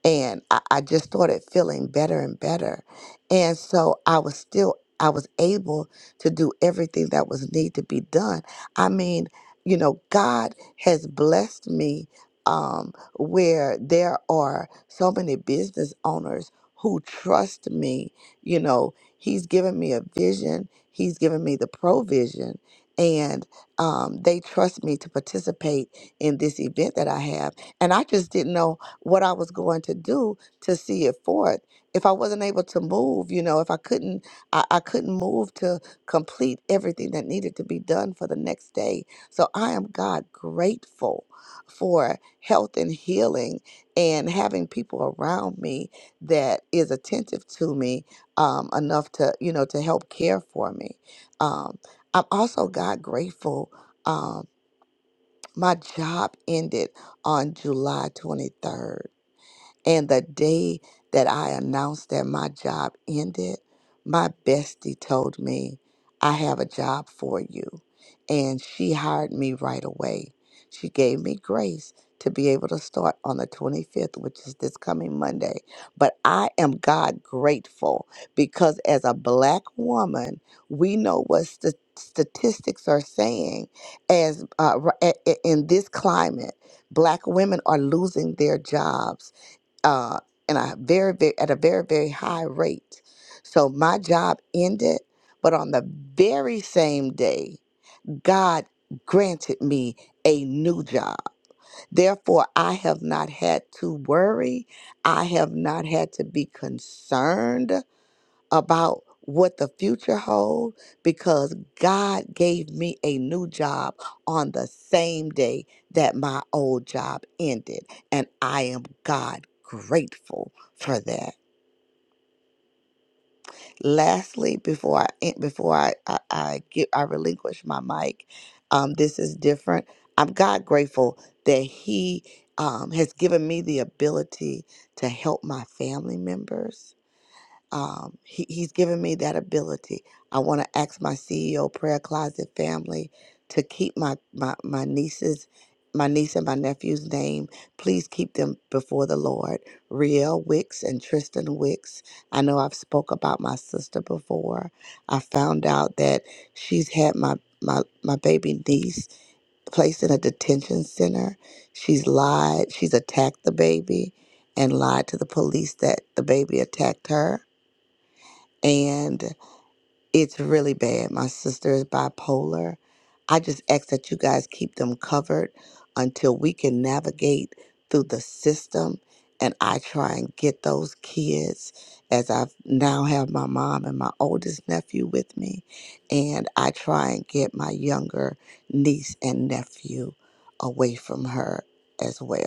Speaker 16: and I, I just started feeling better and better, and so I was still I was able to do everything that was need to be done. I mean, you know, God has blessed me. Um, where there are so many business owners who trust me. You know, he's given me a vision, he's given me the provision, and um, they trust me to participate in this event that I have. And I just didn't know what I was going to do to see it forth. If I wasn't able to move, you know, if I couldn't, I, I couldn't move to complete everything that needed to be done for the next day. So I am God grateful for health and healing and having people around me that is attentive to me um, enough to you know to help care for me um, i'm also god grateful um, my job ended on july 23rd and the day that I announced that my job ended, my bestie told me, I have a job for you. And she hired me right away. She gave me grace to be able to start on the 25th, which is this coming Monday. But I am God grateful because as a black woman, we know what st- statistics are saying as uh, r- a- a- in this climate, black women are losing their jobs uh, in a very, very at a very very high rate. So my job ended, but on the very same day, God granted me a new job. Therefore, I have not had to worry. I have not had to be concerned about what the future holds, because God gave me a new job on the same day that my old job ended and I am God grateful for that. Lastly, before I en- before I I, I get I relinquish my mic, um, this is different. I'm God grateful that He um, has given me the ability to help my family members um, he, he's given me that ability. I want to ask my CEO prayer closet family to keep my, my, my nieces, my niece and my nephew's name. Please keep them before the Lord. Riel Wicks and Tristan Wicks. I know I've spoke about my sister before. I found out that she's had my, my, my baby niece placed in a detention center. She's lied. She's attacked the baby and lied to the police that the baby attacked her and it's really bad. My sister is bipolar. I just ask that you guys keep them covered until we can navigate through the system. And I try and get those kids as I now have my mom and my oldest nephew with me. And I try and get my younger niece and nephew away from her as well.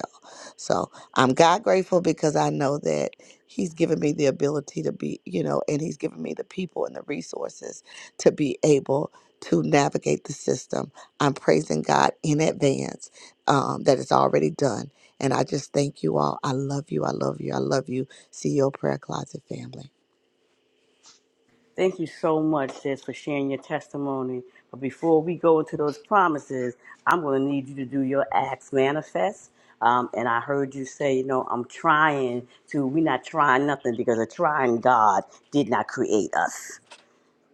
Speaker 16: So I'm God grateful because I know that He's given me the ability to be, you know, and He's given me the people and the resources to be able to navigate the system. I'm praising God in advance um, that it's already done. And I just thank you all. I love you. I love you. I love you, CEO Prayer Closet family.
Speaker 3: Thank you so much, sis, for sharing your testimony. But before we go into those promises, I'm going to need you to do your acts manifest. Um, and I heard you say, you know, I'm trying to, we're not trying nothing because a trying God did not create us.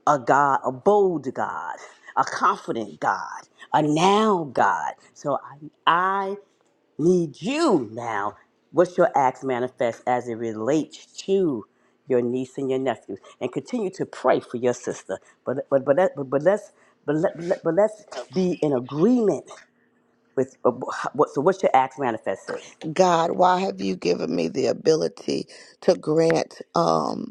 Speaker 3: A God, a bold God, a confident God, a now God. So I, need you now. What's your acts manifest as it relates to your niece and your nephew? And continue to pray for your sister. But but but that, but, but let's but, let, but, let, but let's be in agreement with uh, what. So what's your acts manifest is?
Speaker 16: God, why have you given me the ability to grant? Um,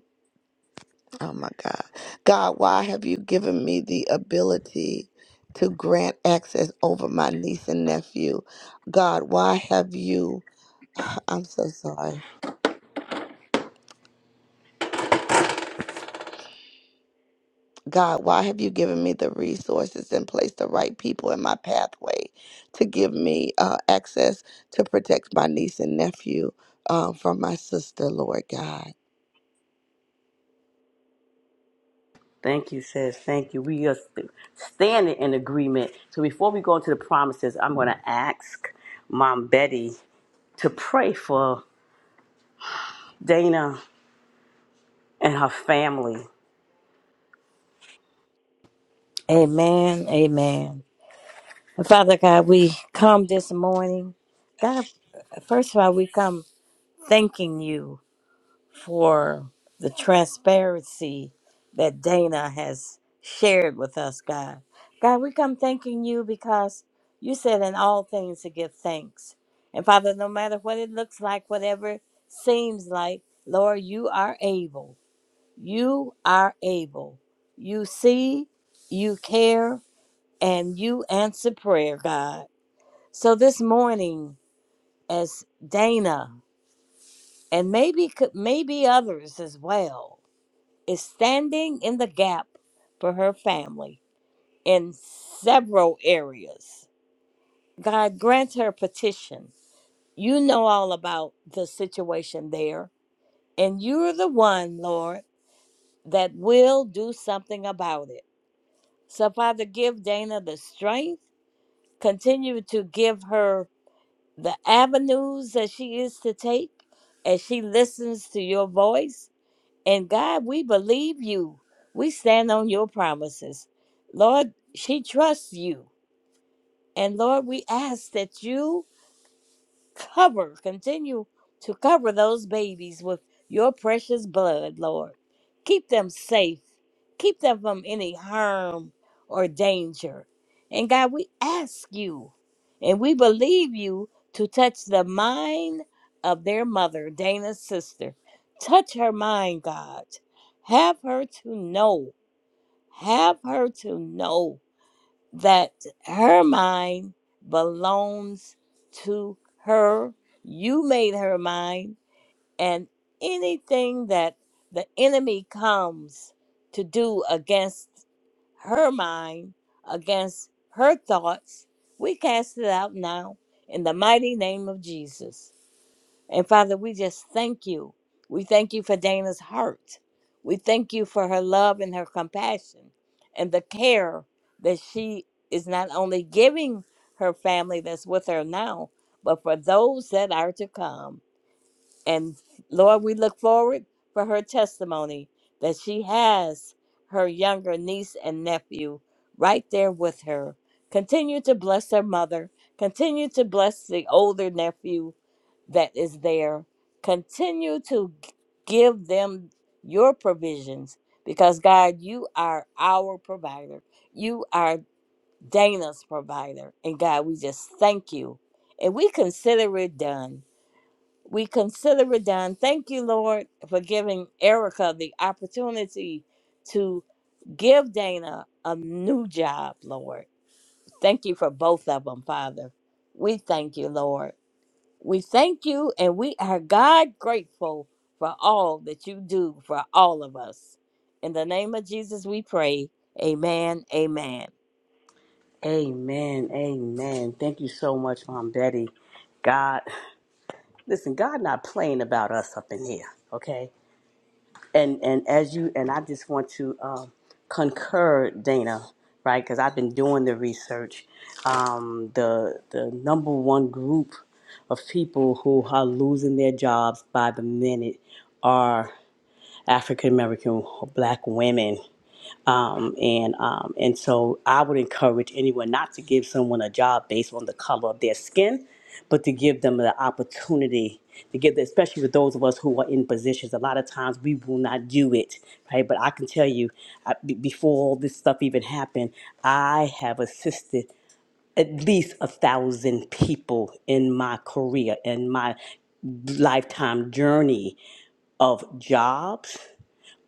Speaker 16: Oh my God. God, why have you given me the ability to grant access over my niece and nephew? God, why have you, I'm so sorry. God, why have you given me the resources and placed the right people in my pathway to give me uh, access to protect my niece and nephew uh, from my sister, Lord God?
Speaker 3: Thank you, sis. Thank you. We are st- standing in agreement. So before we go into the promises, I'm going to ask Mom Betty to pray for Dana and her family
Speaker 2: Amen. Amen. And Father God, we come this morning. God, first of all, we come thanking you. for the transparency that Dana has shared with us, God. God, we come thanking you because you said in all things to give thanks. And Father, no matter what it looks like, whatever it seems like, Lord, you are able. You are able. You see, you care, and you answer prayer, God. So this morning, as Dana and maybe could maybe others as well is standing in the gap for her family in several areas. God grant her petition. You know all about the situation there, and you're the one, Lord, that will do something about it. So, Father, give Dana the strength, continue to give her the avenues that she is to take as she listens to your voice And God, we believe you. We stand on your promises. Lord, she trusts you. And Lord, we ask that you cover, continue to cover those babies with your precious blood, Lord. Keep them safe keep them from any harm or danger. And God, we ask you and we believe you to touch the mind of their mother, Dana's sister. Touch her mind, God. Have her to know, have her to know that her mind belongs to her. You made her mind, and anything that the enemy comes to do against her mind against her thoughts. We cast it out now in the mighty name of Jesus. And Father, we just thank you. We thank you for Dana's heart. We thank you for her love and her compassion and the care that she is not only giving her family that's with her now, but for those that are to come. And Lord, we look forward for her testimony that she has her younger niece and nephew right there with her. Continue to bless her mother. Continue to bless the older nephew that is there. Continue to g- give them your provisions because, God, you are our provider. You are Dana's provider. And, God, we just thank you. And we consider it done. We consider it done. Thank you, Lord, for giving Erica the opportunity to give Dana a new job, Lord. Thank you for both of them, Father. We thank you, Lord. We thank you, and we are God grateful for all that you do for all of us. In the name of Jesus, we pray. Amen. Amen.
Speaker 3: Amen. Amen. Thank you so much, Mom Betty. God, listen, God not playing about us up in here, okay? And and as you and I just want to um, concur, Dana, right? Because I've been doing the research. Um, the the number one group of people who are losing their jobs by the minute are African American black women um, and um, and so I would encourage anyone not to give someone a job based on the color of their skin, but to give them the opportunity to give, especially with those of us who are in positions. A lot of times we will not do it, right? But I can tell you, I, be- before all this stuff even happened, I have assisted at least a thousand people in my career in my lifetime journey of jobs,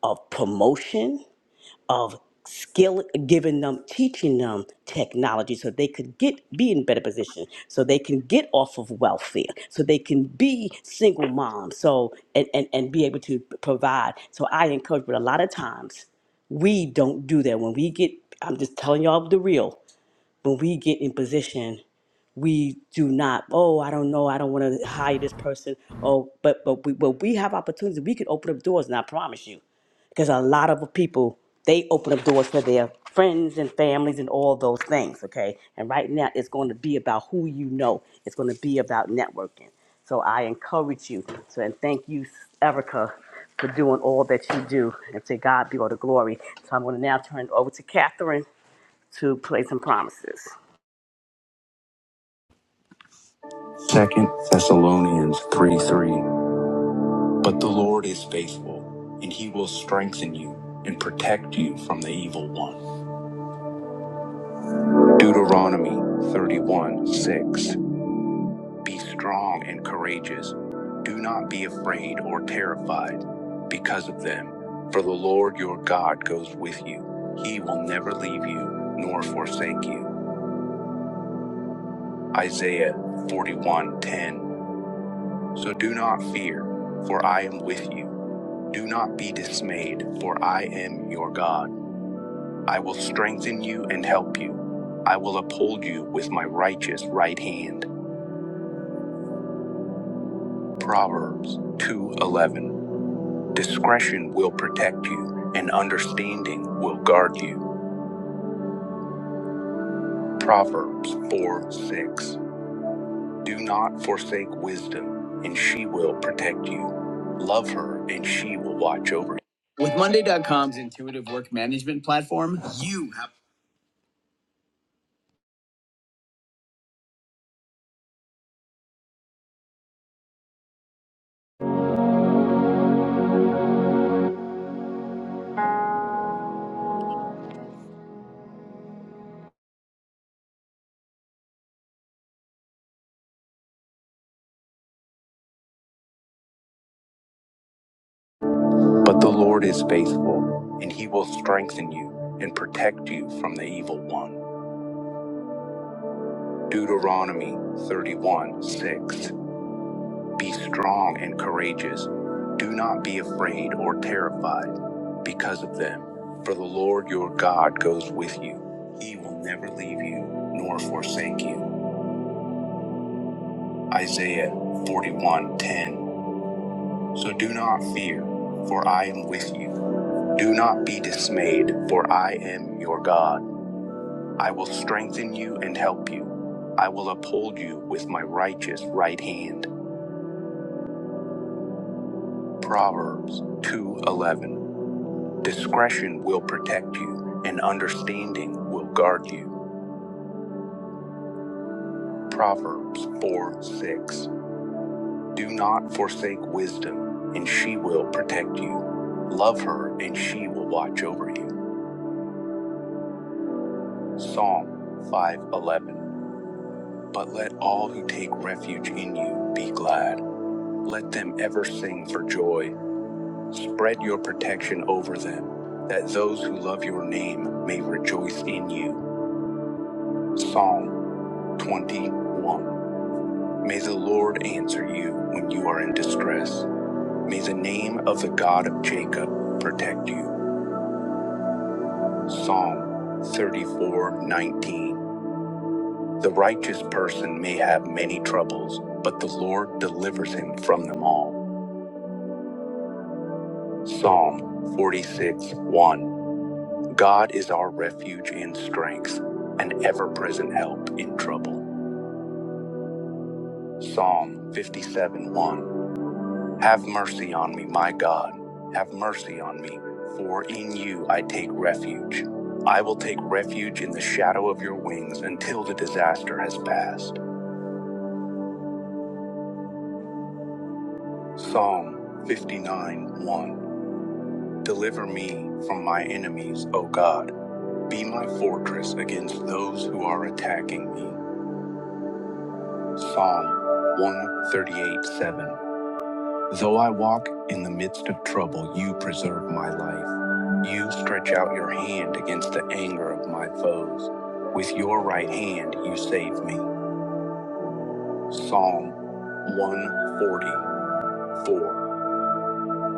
Speaker 3: of promotion of skill giving them teaching them technology so they could get be in better position so they can get off of welfare so they can be single moms so and and, and be able to provide so i encourage but a lot of times we don't do that when we get i'm just telling y'all the real when we get in position we do not oh i don't know i don't want to hire this person oh but but we but we have opportunities we can open up doors and i promise you because a lot of people they open up doors for their friends and families and all those things okay and right now it's going to be about who you know it's going to be about networking so i encourage you so and thank you erica for doing all that you do and to god be all the glory so i'm going to now turn it over to catherine to play some promises
Speaker 11: Second Thessalonians 3 3. But the Lord is faithful, and he will strengthen you and protect you from the evil one. Deuteronomy 31 6. Be strong and courageous. Do not be afraid or terrified because of them, for the Lord your God goes with you. He will never leave you nor forsake you. Isaiah 41:10. So do not fear, for I am with you. Do not be dismayed, for I am your God. I will strengthen you and help you. I will uphold you with my righteous right hand. Proverbs 2:11. Discretion will protect you, and understanding will guard you. Proverbs four six. Do not forsake wisdom, and she will protect you. Love her, and she will watch over you. With Monday. dot com's intuitive work management platform, you. But the Lord is faithful, and he will strengthen you and protect you from the evil one. Deuteronomy 31 6. Be strong and courageous. Do not be afraid or terrified because of them, for the Lord your God goes with you. He will never leave you nor forsake you. Isaiah 41:10. So do not fear, for I am with you. Do not be dismayed, for I am your God. I will strengthen you and help you. I will uphold you with my righteous right hand. Proverbs 2:11. Discretion will protect you, and understanding will guard you. Proverbs 4:6. Do not forsake wisdom, and she will protect you. Love her, and she will watch over you. Psalm 5:11 But let all who take refuge in you be glad let them ever sing for joy spread your protection over them that those who love your name may rejoice in you Psalm 21 May the Lord answer you when you are in distress may the name of the God of Jacob protect you Psalm 34:19 The righteous person may have many troubles, but the Lord delivers him from them all. Psalm 46 1. God is our refuge and strength, an ever present help in trouble. Psalm 57 1. Have mercy on me, my God. Have mercy on me, for in you I take refuge. I will take refuge in the shadow of your wings until the disaster has passed. Psalm 59 1. Deliver me from my enemies, O God. Be my fortress against those who are attacking me. Psalm 138 7. Though I walk in the midst of trouble, you preserve my life. You stretch out your hand against the anger of my foes. With your right hand, you save me. Psalm 144.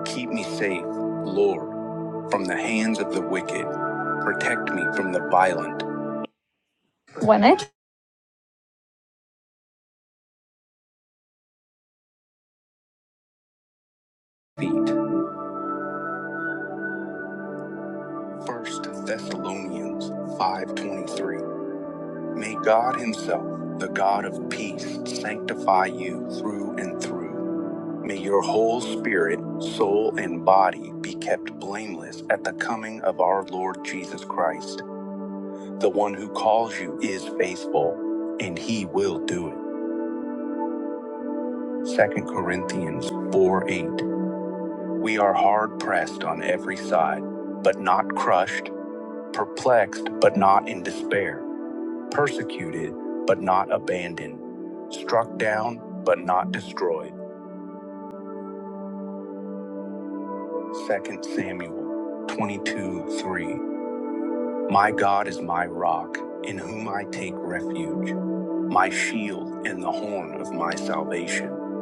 Speaker 11: Keep me safe, Lord, from the hands of the wicked. Protect me from the violent. When I feet. 1 Thessalonians 5:23. May God himself, the God of peace, sanctify you through and through. May your whole spirit, soul, and body be kept blameless at the coming of our Lord Jesus Christ. The one who calls you is faithful, and he will do it. Second Corinthians 4:8. We are hard pressed on every side, but not crushed, perplexed, but not in despair persecuted but not abandoned, struck down but not destroyed. Second Samuel 22 3. My God is my rock, in whom I take refuge, my shield and the horn of my salvation.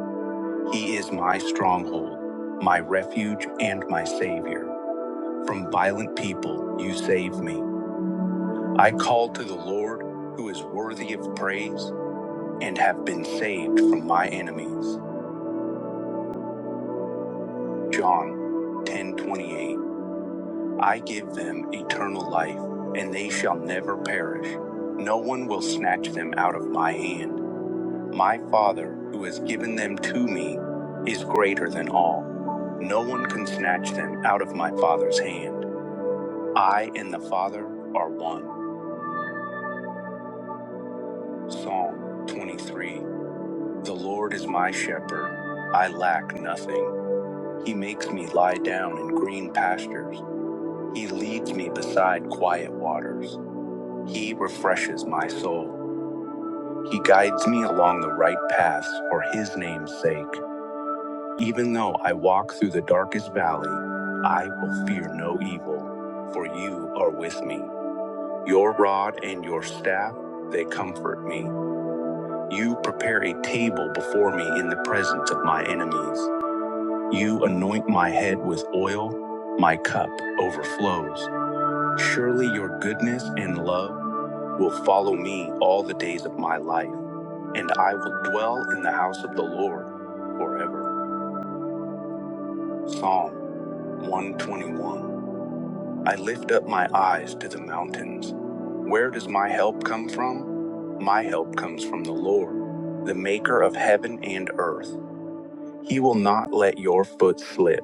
Speaker 11: He is my stronghold, my refuge, and my Savior. From violent people you save me. I called to the Lord, who is worthy of praise, and have been saved from my enemies. John 10:28 I give them eternal life and they shall never perish no one will snatch them out of my hand my father who has given them to me is greater than all no one can snatch them out of my father's hand I and the father are one Psalm 23 The Lord is my shepherd I lack nothing he makes me lie down in green pastures He leads me beside quiet waters. He refreshes my soul. He guides me along the right paths for his name's sake. Even though I walk through the darkest valley, I will fear no evil, for you are with me. Your rod and your staff, they comfort me. You prepare a table before me in the presence of my enemies. You anoint my head with oil, my cup overflows. Surely your goodness and love will follow me all the days of my life, and I will dwell in the house of the Lord forever. Psalm 121. I lift up my eyes to the mountains. Where does my help come from? My help comes from the Lord, the maker of heaven and earth. He will not let your foot slip.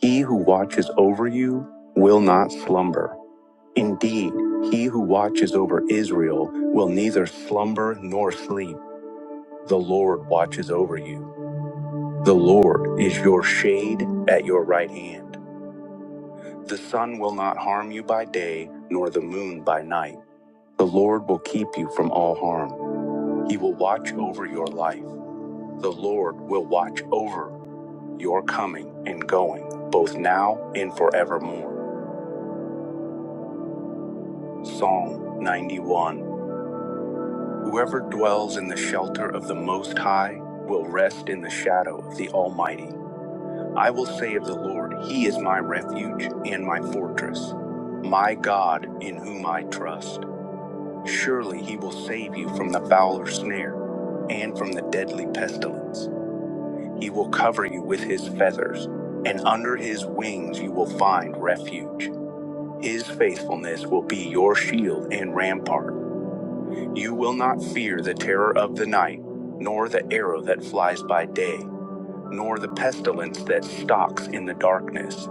Speaker 11: He who watches over you will not slumber. Indeed, he who watches over Israel will neither slumber nor sleep. The Lord watches over you. The Lord is your shade at your right hand. The sun will not harm you by day, nor the moon by night. The Lord will keep you from all harm. He will watch over your life. The Lord will watch over your coming and going, both now and forevermore. Psalm 91. Whoever dwells in the shelter of the Most High will rest in the shadow of the Almighty. I will say of the Lord, He is my refuge and my fortress, my God in whom I trust. Surely He will save you from the fowler's snare and from the deadly pestilence. He will cover you with His feathers, and under His wings you will find refuge. His faithfulness will be your shield and rampart. You will not fear the terror of the night, nor the arrow that flies by day, nor the pestilence that stalks in the darkness,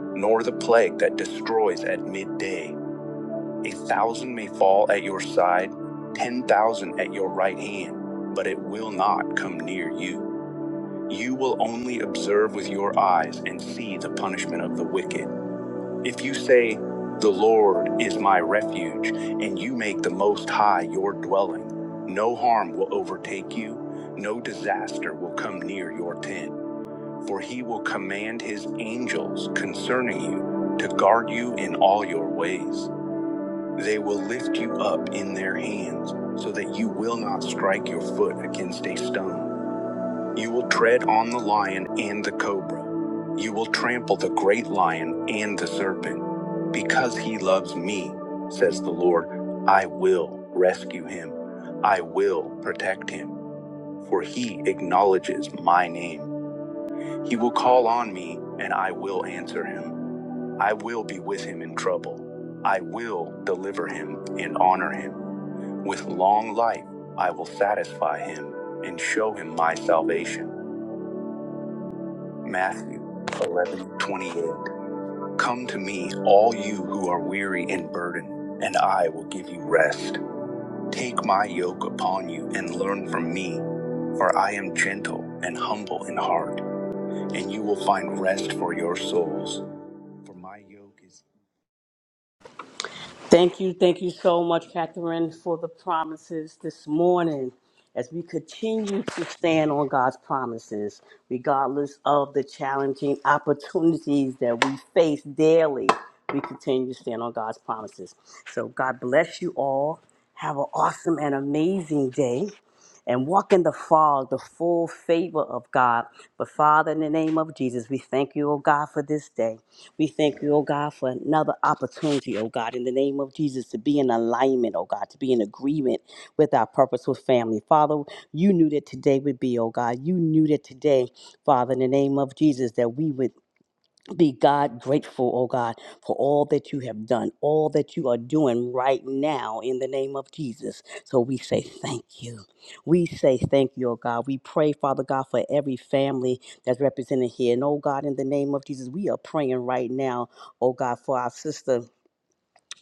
Speaker 11: nor the plague that destroys at midday. A thousand may fall at your side, ten thousand at your right hand, but it will not come near you. You will only observe with your eyes and see the punishment of the wicked. If you say, The Lord is my refuge, and you make the Most High your dwelling, no harm will overtake you, no disaster will come near your tent, for he will command his angels concerning you to guard you in all your ways. They will lift you up in their hands so that you will not strike your foot against a stone. You will tread on the lion and the cobra. You will trample the great lion and the serpent. Because he loves me, says the Lord, I will rescue him. I will protect him, for he acknowledges my name. He will call on me, and I will answer him. I will be with him in trouble. I will deliver him and honor him. With long life, I will satisfy him and show him my salvation. Matthew 11:28. Come to me, all you who are weary and burdened, and I will give you rest. Take my yoke upon you and learn from me, for I am gentle and humble in heart, and you will find rest for your souls. For my yoke is
Speaker 3: Thank you, thank you so much, Catherine, for the promises this morning. As we continue to stand on God's promises, regardless of the challenging opportunities that we face daily, we continue to stand on God's promises. So, God bless you all. Have an awesome and amazing day and walk in the fog, the full favor of God. But, Father, in the name of Jesus, we thank you, oh God, for this day. We thank you, oh God, for another opportunity, oh God, in the name of Jesus, to be in alignment, oh God, to be in agreement with our purpose with family. Father, you knew that today would be, oh God. You knew that today, Father, in the name of Jesus, that we would be God grateful, oh God, for all that you have done, all that you are doing right now in the name of Jesus. So we say thank you. We say thank you, oh God. We pray, Father God, for every family that's represented here. And oh God, in the name of Jesus, we are praying right now, oh God, for our sister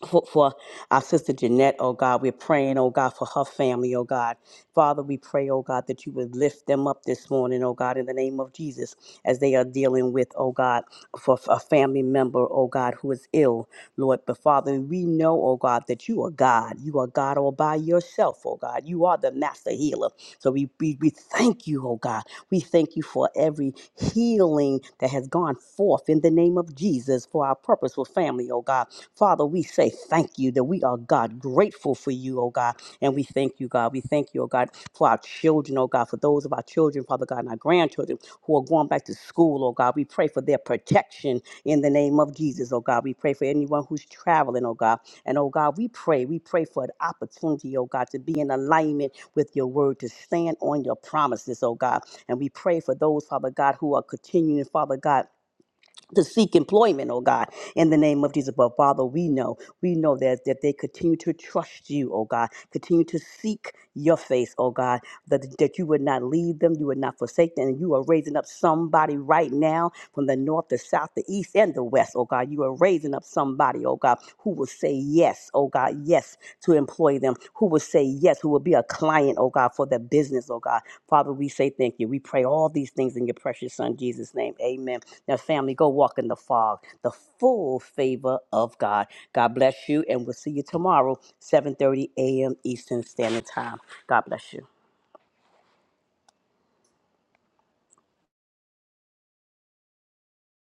Speaker 3: for, for our sister Jeanette, oh God. We're praying, oh God, for her family, oh God. Father, we pray, oh God, that you would lift them up this morning, oh God, in the name of Jesus, as they are dealing with, oh God, for for a family member, oh God, who is ill, Lord. But Father, we know, oh God, that you are God. You are God all by yourself, oh God. You are the master healer. So we, we, we thank you, oh God. We thank you for every healing that has gone forth in the name of Jesus for our purposeful family, oh God. Father, we say thank you that we are, God, grateful for you, oh God. And we thank you, God. We thank you, oh God, for our children, oh God, for those of our children, Father God, and our grandchildren who are going back to school, oh God. We pray for their protection in the name of Jesus, oh God. We pray for anyone who's traveling, oh God. And oh God, we pray, we pray for an opportunity, oh God, to be in alignment with your word, to stand on your promises, oh God. And we pray for those, Father God, who are continuing, Father God to seek employment, oh God, in the name of Jesus. But Father, we know, we know that, that they continue to trust you, oh God, continue to seek your face, oh God, that, that you would not leave them, you would not forsake them, and you are raising up somebody right now from the north, the south, the east, and the west, oh God. You are raising up somebody, oh God, who will say yes, oh God, yes to employ them, who will say yes, who will be a client, oh God, for the business, oh God. Father, we say thank you. We pray all these things in your precious Son, Jesus' name. Amen. Now, family, go walk in the fog, the full favor of God. God bless you, and we'll see you tomorrow, 7.30 a.m. Eastern Standard Time. God bless you.